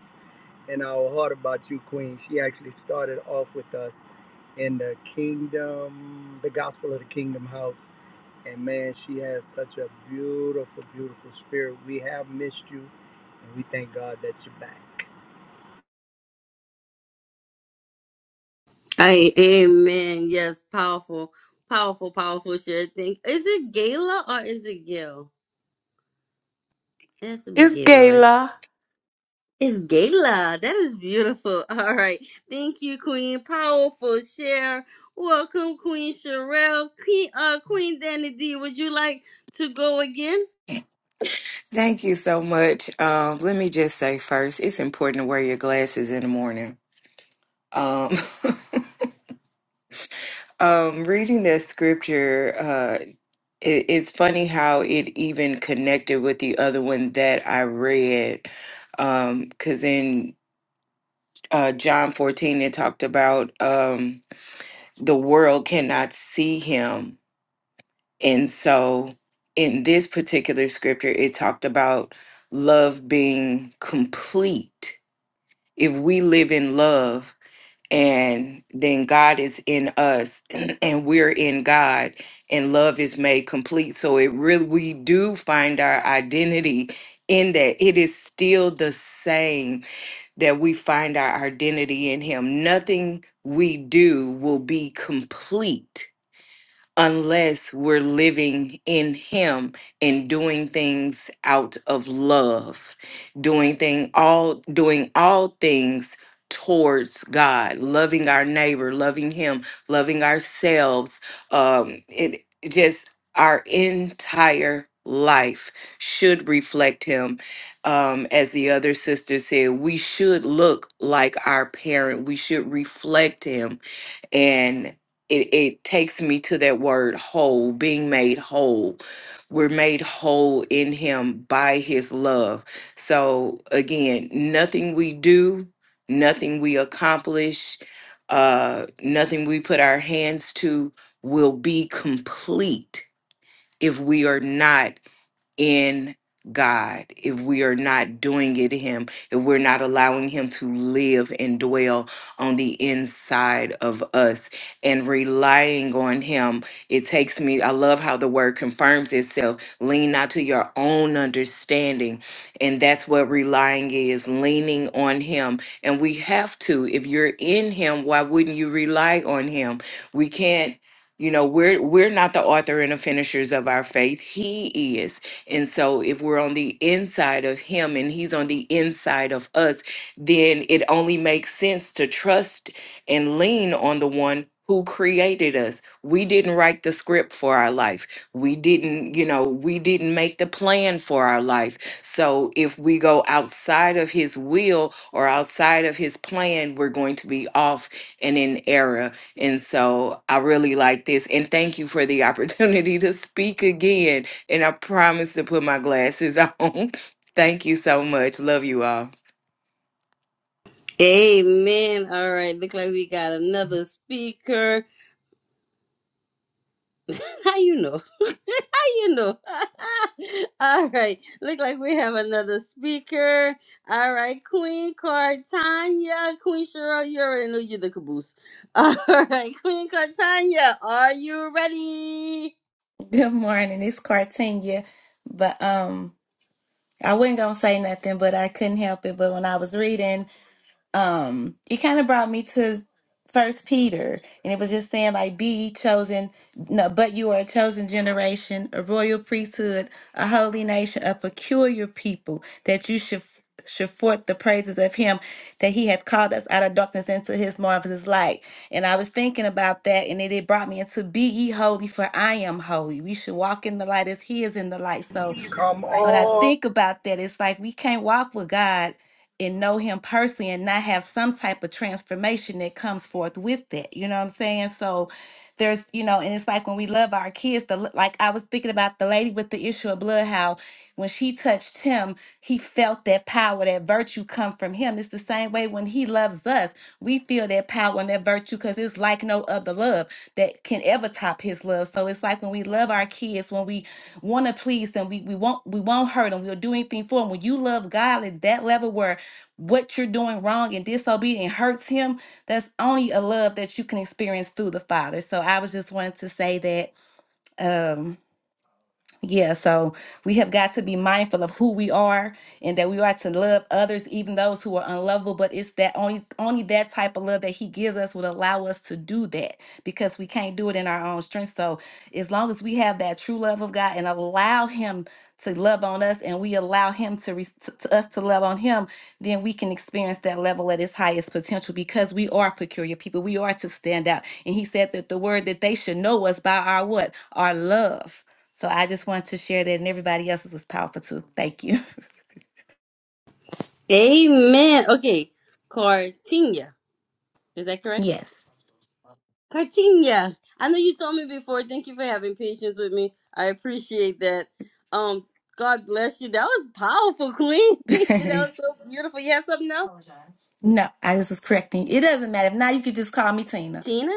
B: in our heart about you, Queen. She actually started off with us in the kingdom, the gospel of the kingdom house. And man, she has such a beautiful, beautiful spirit. We have missed you, and we thank God that you're back.
A: Hey, amen. Yes, powerful, powerful, powerful share thing. Is it Gala or is it Gil? It has to be
I: It's
A: Gala, right?
I: Gayla.
A: It's Gala. That is beautiful. All right. Thank you, Queen. Powerful share. Welcome, Queen Sherelle. Queen uh Queen Danny D, would you like to go again?
F: Thank you so much. Um, let me just say first, it's important to wear your glasses in the morning. Um, um, reading that scripture it, it's funny how it even connected with the other one that I read. Um, cause in uh John 14 it talked about um the world cannot see him. And so in this particular scripture, it talked about love being complete. If we live in love, and then God is in us and we're in God and love is made complete so it really we do find our identity in that it is still the same that we find our identity in him nothing we do will be complete unless we're living in him and doing things out of love doing thing all doing all things towards god loving our neighbor loving him loving ourselves um it it just our entire life should reflect him um as the other sister said we should look like our parent we should reflect him and it, it takes me to that word whole being made whole we're made whole in him by his love so again nothing we do nothing we accomplish uh nothing we put our hands to will be complete if we are not in God, if we are not doing it to Him, if we're not allowing Him to live and dwell on the inside of us and relying on Him, it takes me. I love how the word confirms itself lean not to your own understanding. And that's what relying is leaning on Him. And we have to. If you're in Him, why wouldn't you rely on Him? We can't. You know, we're we're not the author and the finishers of our faith. He is. And so if we're on the inside of him and he's on the inside of us, then it only makes sense to trust and lean on the one who created us. We didn't write the script for our life. We didn't, you know, we didn't make the plan for our life. So if we go outside of his will or outside of his plan, we're going to be off and in error. And so I really like this. And thank you for the opportunity to speak again and I promise to put my glasses on. thank you so much. Love you all.
A: Amen. All right. Look like we got another speaker. How you know? you know. All right. Look like we have another speaker. All right, Queen Cartanya. Queen Cheryl, you already know you're the caboose. All right, Queen Cartanya, are you ready?
J: Good morning. It's Cartania. But um I wasn't gonna say nothing, but I couldn't help it. But when I was reading um it kind of brought me to first peter and it was just saying like be ye chosen no but you are a chosen generation a royal priesthood a holy nation a peculiar people that you should should forth the praises of him that he hath called us out of darkness into his marvelous light and i was thinking about that and it, it brought me into be ye holy for i am holy we should walk in the light as he is in the light so
B: Come
J: but I
B: on.
J: think about that, it's like we can't walk with God and know Him personally and not have some type of transformation that comes forth with that. You know what I'm saying? So there's, you know, and it's like when we love our kids, the, like I was thinking about the lady with the issue of blood, how when she touched him, he felt that power, that virtue come from him. It's the same way when he loves us, we feel that power and that virtue because it's like no other love that can ever top his love. So it's like when we love our kids, when we want to please them. We we won't we won't hurt them. We'll do anything for them. When you love God at that level where what you're doing wrong and disobedient hurts him, that's only a love that you can experience through the Father. So I was just wanting to say that. Um yeah, so we have got to be mindful of who we are and that we are to love others, even those who are unlovable. But it's that only only that type of love that he gives us would allow us to do that because we can't do it in our own strength. So as long as we have that true love of God and allow him to love on us and we allow him to, re- to to us to love on him, then we can experience that level at its highest potential because we are peculiar people. We are to stand out. And he said that the word that they should know us by our what? Our love. So I just wanted to share that, and everybody else's was powerful too. Thank you.
A: Amen. Okay, Cartanya. Is that correct?
J: Yes.
A: Cartanya. I know you told me before. Thank you for having patience with me. I appreciate that. Um, God bless you. That was powerful, Queen. that was so beautiful. You have something else?
J: no, I just was correcting. It doesn't matter. If not, you could just call me Tina.
A: Tina?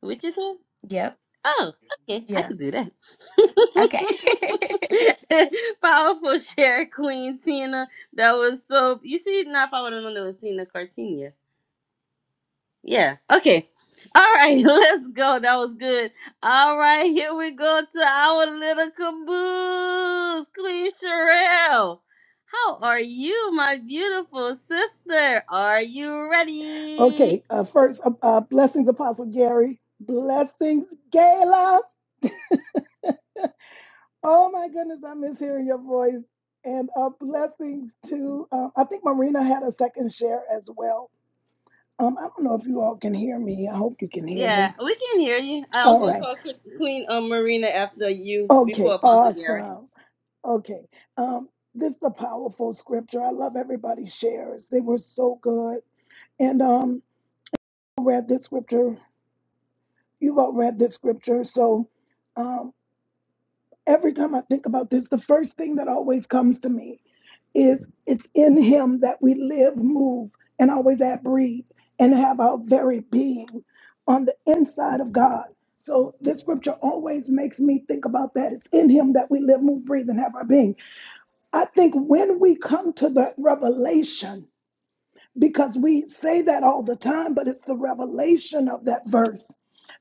A: What you say?
J: Yep.
A: Oh, okay. I
J: Yeah.
A: could do that.
J: Okay.
A: Powerful share, Queen Tina. That was so. You see, now if I would have known it was Tina Cartinia. Yeah. Okay. All right. Let's go. That was good. All right. Here we go to our little caboose, Queen Sherelle. How are you, my beautiful sister? Are you ready?
K: Okay, uh, first, uh, uh, blessings, Apostle Gary. Blessings, Gayla. Oh my goodness, I miss hearing your voice. And uh, blessings to, uh, I think Marina had a second share as well. Um, I don't know if you all can hear me. I hope you can hear
A: Yeah,
K: me.
A: we can hear you. I was
K: All
A: gonna
K: right.
A: call Que- Queen um, Marina after you, before
K: Okay,
A: Apostle Gary.
K: awesome. Okay. Um, this is a powerful scripture. I love everybody's shares. They were so good. And um, I read this scripture. You've all read this scripture. So, um, every time I think about this, the first thing that always comes to me is it's in Him that we live, move, and always have breathe and have our very being on the inside of God. So this scripture always makes me think about that. It's in Him that we live, move, breathe, and have our being. I think when we come to the revelation, because we say that all the time, but it's the revelation of that verse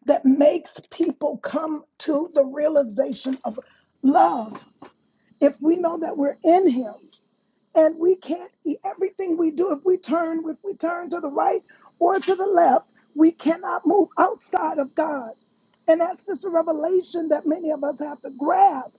K: that makes people come to the realization of love if we know that we're in him and we can't e, everything we do if we turn if we turn to the right or to the left we cannot move outside of god and that's just a revelation that many of us have to grab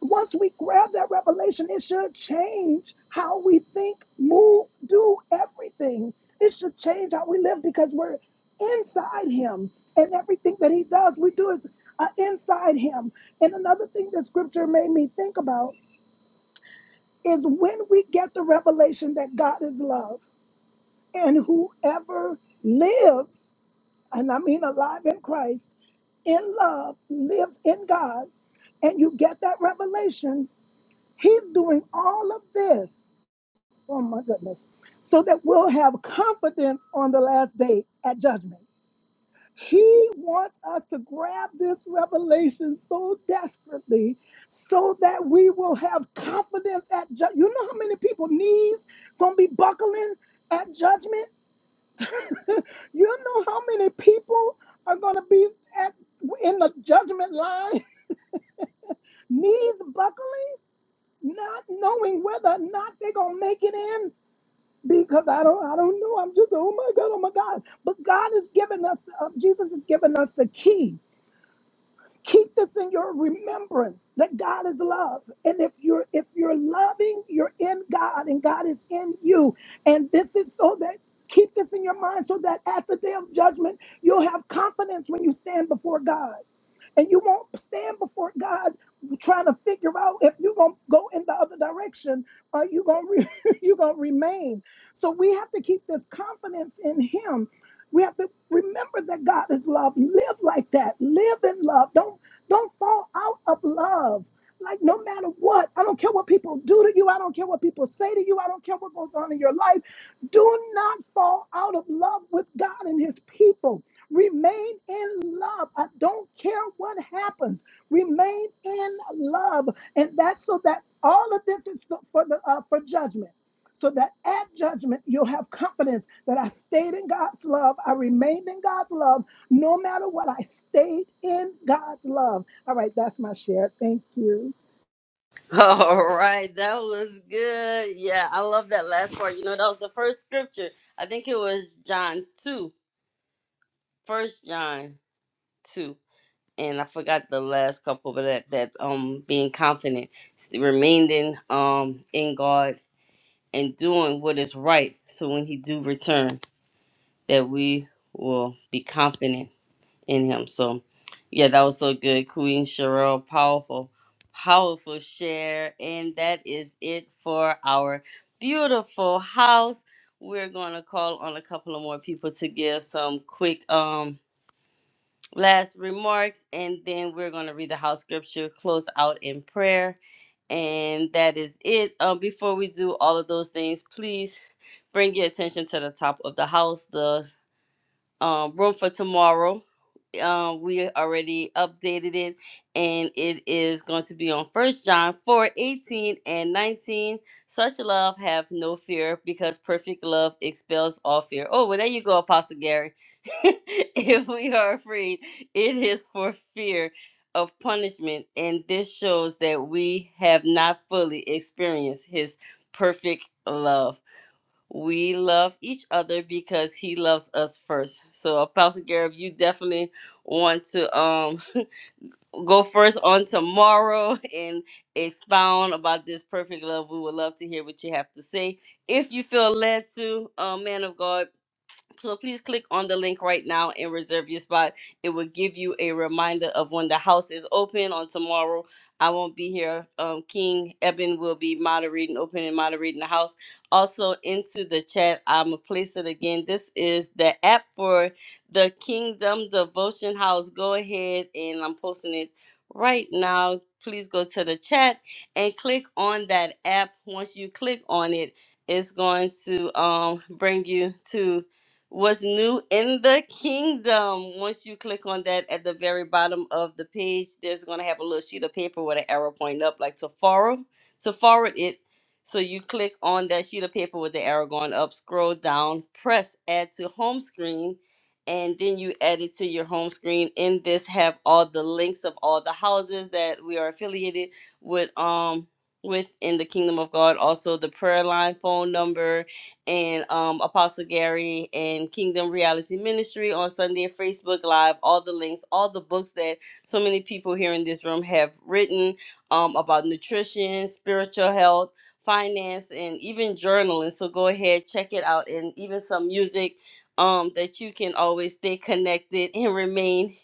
K: once we grab that revelation it should change how we think move do everything it should change how we live because we're inside him and everything that he does we do is uh, inside him and another thing that scripture made me think about is when we get the revelation that God is love and whoever lives, and I mean alive in Christ, in love, lives in God, and you get that revelation, He's doing all of this. Oh my goodness. So that we'll have confidence on the last day at judgment. He wants us to grab this revelation so desperately so that we will have confidence at judgment. You know how many people knees going to be buckling at judgment? you know how many people are going to be at in the judgment line, knees buckling, not knowing whether or not they're going to make it in because I don't I don't know. I'm just oh my god, oh my god. But God has given us uh, Jesus has given us the key keep this in your remembrance that God is love. And if you're if you're loving, you're in God and God is in you. And this is so that keep this in your mind so that at the day of judgment, you'll have confidence when you stand before God and you won't stand before God trying to figure out if you're gonna go in the other direction or you are gonna re- you gonna remain. So we have to keep this confidence in Him. We have to remember that God is love. Live like that. Live in love. Don't don't fall out of love. Like, no matter what, I don't care what people do to you. I don't care what people say to you. I don't care what goes on in your life. Do not fall out of love with God and His people. Remain in love. I don't care what happens. Remain in love, and that's so that all of this is for the uh, for judgment so that at judgment you'll have confidence that I stayed in God's love, I remained in God's love, no matter what, I stayed in God's love. All right, that's my share. Thank you.
A: All right, that was good. Yeah, I love that last part. You know, that was the first scripture. I think it was John two, First John two, and I forgot the last couple, but that that um being confident, remaining um in God and doing what is right. So when He do return, that we will be confident in him. So, yeah, that was so good. Queen Cheryl, powerful, powerful share. And that is it for our beautiful house. We're going to call on a couple of more people to give some quick um last remarks, and then we're going to read the house scripture, close out in prayer. And that is it. Um, before we do all of those things, please bring your attention to the top of the house. The um, room for tomorrow. Um, we already updated it, and it is going to be on First John 4 18 and 19. Such love have no fear, because perfect love expels all fear. Oh, well, there you go, Apostle Gary. if we are afraid, it is for fear of punishment, and this shows that we have not fully experienced his perfect love. We love each other because he loves us first. So Apostle Garrett, you definitely want to um go first on tomorrow and expound about this perfect love. We would love to hear what you have to say. If you feel led to, uh, man of God, so please click on the link right now and reserve your spot. It will give you a reminder of when the house is open on tomorrow. I won't be here. Um, King Eben will be moderating, opening and moderating the house. Also into the chat, I'm gonna place it again. This is the app for the Kingdom Devotion House. Go ahead and I'm posting it right now. Please go to the chat and click on that app. Once you click on it, it's going to um bring you to What's new in the kingdom? Once you click on that at the very bottom of the page, there's going to have a little sheet of paper with an arrow pointing up, like to forward, to forward it. So you click on that sheet of paper with the arrow going up, scroll down, press add to home screen, and then you add it to your home screen. In this have all the links of all the houses that we are affiliated with um with in the kingdom of God, also the prayer line phone number, and um, Apostle Gary and Kingdom Reality Ministry on Sunday at Facebook Live. All the links, all the books that so many people here in this room have written um, about nutrition, spiritual health, finance, and even journaling. So go ahead, check it out, and even some music um, that you can always stay connected and remain.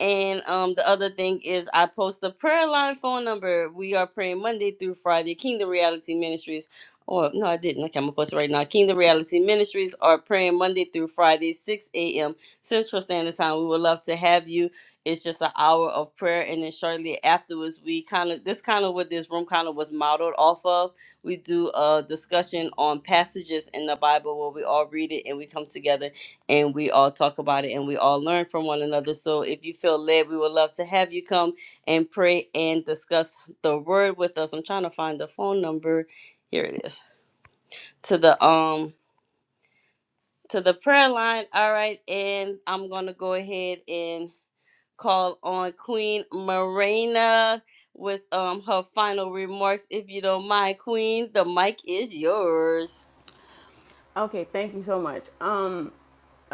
A: And um, the other thing is, I post the prayer line phone number. We are praying Monday through Friday, Kingdom Reality Ministries or no, I didn't. Okay, I'm gonna post it right now. Kingdom Reality Ministries are praying Monday through Friday, 6 a.m. Central Standard Time. We would love to have you. It's just an hour of prayer, and then shortly afterwards, we kind of this kind of what this room kind of was modeled off of. We do a discussion on passages in the Bible where we all read it and we come together and we all talk about it and we all learn from one another. So if you feel led, we would love to have you come and pray and discuss the word with us. I'm trying to find the phone number. Here it is to the um to the prayer line. All right, and I'm gonna go ahead and call on Queen Marina with um her final remarks. If you don't mind, Queen, the mic is yours.
C: Okay, thank you so much. Um,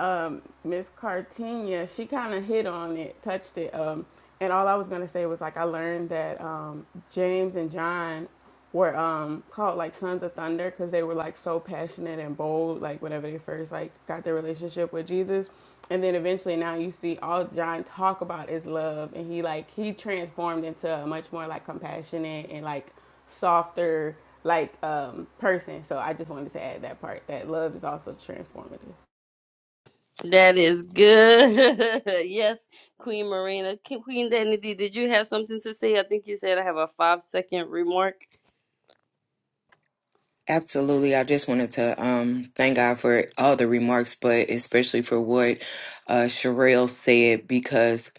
C: um, Miss Cartenia, she kind of hit on it, touched it. Um, and all I was gonna say was like I learned that um, James and John were um, called like sons of thunder because they were like so passionate and bold like whenever they first like got their relationship with Jesus and then eventually now you see all John talk about is love and he like he transformed into a much more like compassionate and like softer like um person so I just wanted to add that part that love is also transformative
A: That is good. yes, Queen Marina. Queen Danity, did you have something to say? I think you said I have a five second remark.
F: Absolutely. I just wanted to um, thank God for all the remarks, but especially for what uh, Sherelle said, because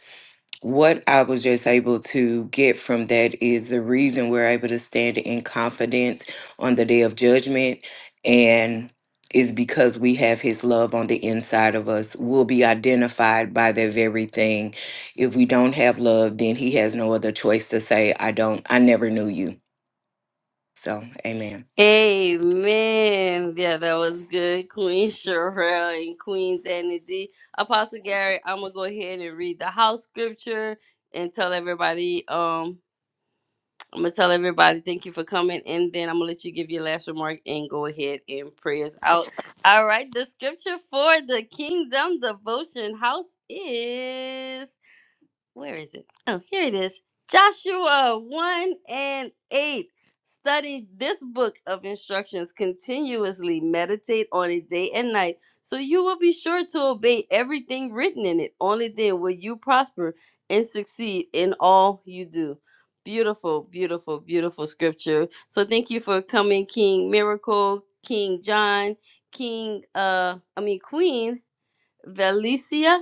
F: what I was just able to get from that is the reason we're able to stand in confidence on the day of judgment and is because we have his love on the inside of us. We'll be identified by that very thing. If we don't have love, then he has no other choice to say, I don't, I never knew you. So, amen.
A: Amen. Yeah, that was good, Queen Sherelle and Queen Danny D. Apostle Gary, I'm gonna go ahead and read the house scripture and tell everybody. Um, I'm gonna tell everybody thank you for coming, and then I'm gonna let you give your last remark and go ahead and pray us out. All right, the scripture for the Kingdom Devotion House is where is it? Oh, here it is. Joshua 1 and 8. Study this book of instructions continuously, meditate on it day and night, so you will be sure to obey everything written in it. Only then will you prosper and succeed in all you do. Beautiful, beautiful, beautiful scripture. So thank you for coming, King Miracle, King John, King uh I mean Queen Valicia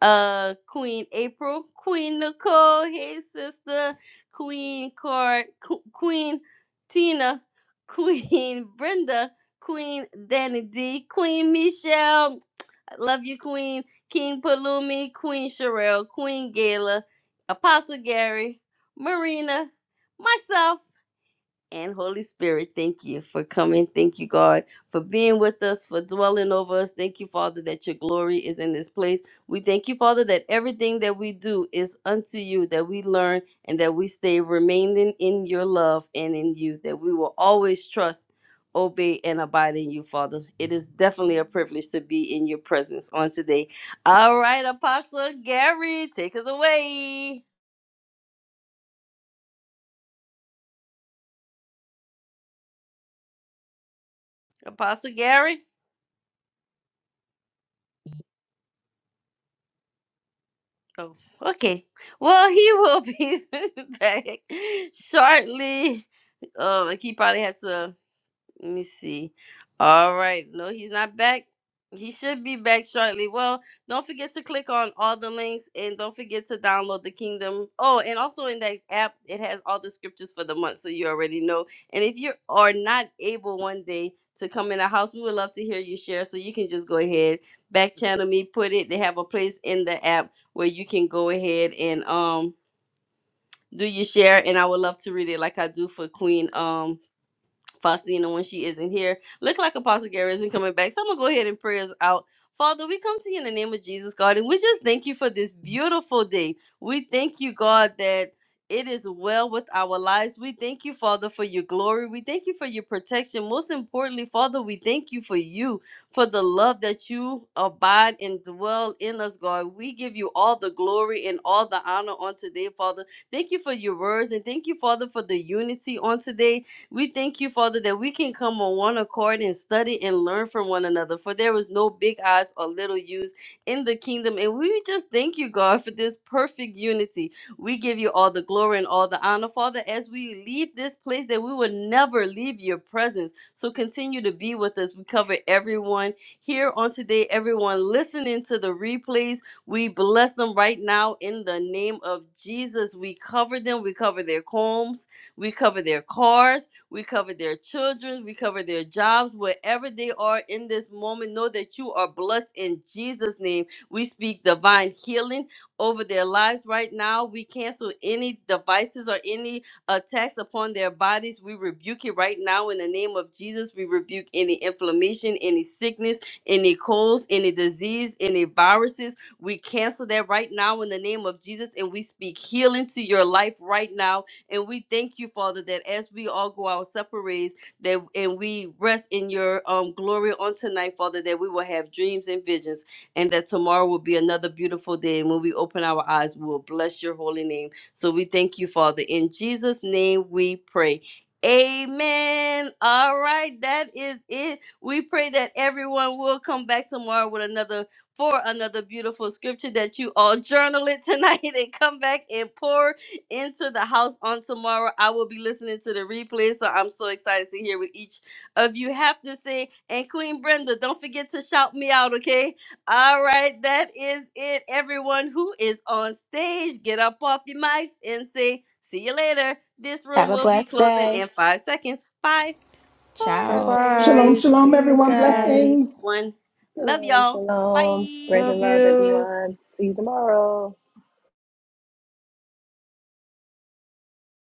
A: uh Queen April, Queen Nicole, hey sister, Queen Card, Qu- Queen Tina, Queen Brenda, Queen Danny D, Queen Michelle, I love you, Queen King Palumi, Queen Sherelle, Queen Gala, Apostle Gary, Marina, myself and Holy Spirit, thank you for coming. Thank you, God, for being with us, for dwelling over us. Thank you, Father, that your glory is in this place. We thank you, Father, that everything that we do is unto you, that we learn and that we stay remaining in your love and in you, that we will always trust, obey, and abide in you, Father. It is definitely a privilege to be in your presence on today. All right, Apostle Gary, take us away. Apostle Gary. Oh, okay. Well, he will be back shortly. Um, like he probably had to. Let me see. All right. No, he's not back. He should be back shortly. Well, don't forget to click on all the links and don't forget to download the kingdom. Oh, and also in that app, it has all the scriptures for the month, so you already know. And if you are not able one day to come in the house, we would love to hear you share. So you can just go ahead, back channel me, put it. They have a place in the app where you can go ahead and um do your share. And I would love to read it like I do for Queen. Um Faustina when she isn't here. Look like Apostle Gary isn't coming back. So I'm gonna go ahead and pray us out. Father, we come to you in the name of Jesus, God, and we just thank you for this beautiful day. We thank you, God, that it is well with our lives. We thank you, Father, for your glory. We thank you for your protection. Most importantly, Father, we thank you for you, for the love that you abide and dwell in us, God. We give you all the glory and all the honor on today, Father. Thank you for your words and thank you, Father, for the unity on today. We thank you, Father, that we can come on one accord and study and learn from one another, for there is no big odds or little use in the kingdom. And we just thank you, God, for this perfect unity. We give you all the glory and all the honor, Father, as we leave this place, that we will never leave your presence. So continue to be with us. We cover everyone here on today, everyone listening to the replays. We bless them right now in the name of Jesus. We cover them, we cover their homes. We cover their cars. We cover their children. We cover their jobs. Wherever they are in this moment, know that you are blessed in Jesus' name. We speak divine healing over their lives right now. We cancel any devices or any attacks upon their bodies. We rebuke it right now in the name of Jesus. We rebuke any inflammation, any sickness, any colds, any disease, any viruses. We cancel that right now in the name of Jesus and we speak healing to your life right now and we thank you, Father, that as we all go our separate ways, that and we rest in your um, glory on tonight, Father, that we will have dreams and visions, and that tomorrow will be another beautiful day. And when we open our eyes, we will bless your holy name. So we thank you, Father. In Jesus' name we pray. Amen. All right, that is it. We pray that everyone will come back tomorrow with another for another beautiful scripture that you all journal it tonight and come back and pour into the house on tomorrow. I will be listening to the replay, so I'm so excited to hear what each of you have to say. And Queen Brenda, don't forget to shout me out, okay? All right, that is it. Everyone who is on stage, get up off your mics and say, see you later. This room
J: Have a
A: will be
J: blessed
A: closing
J: day.
A: in five seconds. Five, four,
I: Bye
C: Ciao.
G: Blessings.
A: three,
K: Shalom,
I: bye.
K: shalom,
I: See you
K: everyone.
A: two,
J: Bye.
I: guys.
K: Blessings.
A: one. Love
H: Shalom,
A: y'all.
H: shalom. Grace and
I: Love
H: love,
A: Bye.
I: you.
H: everyone. See you tomorrow.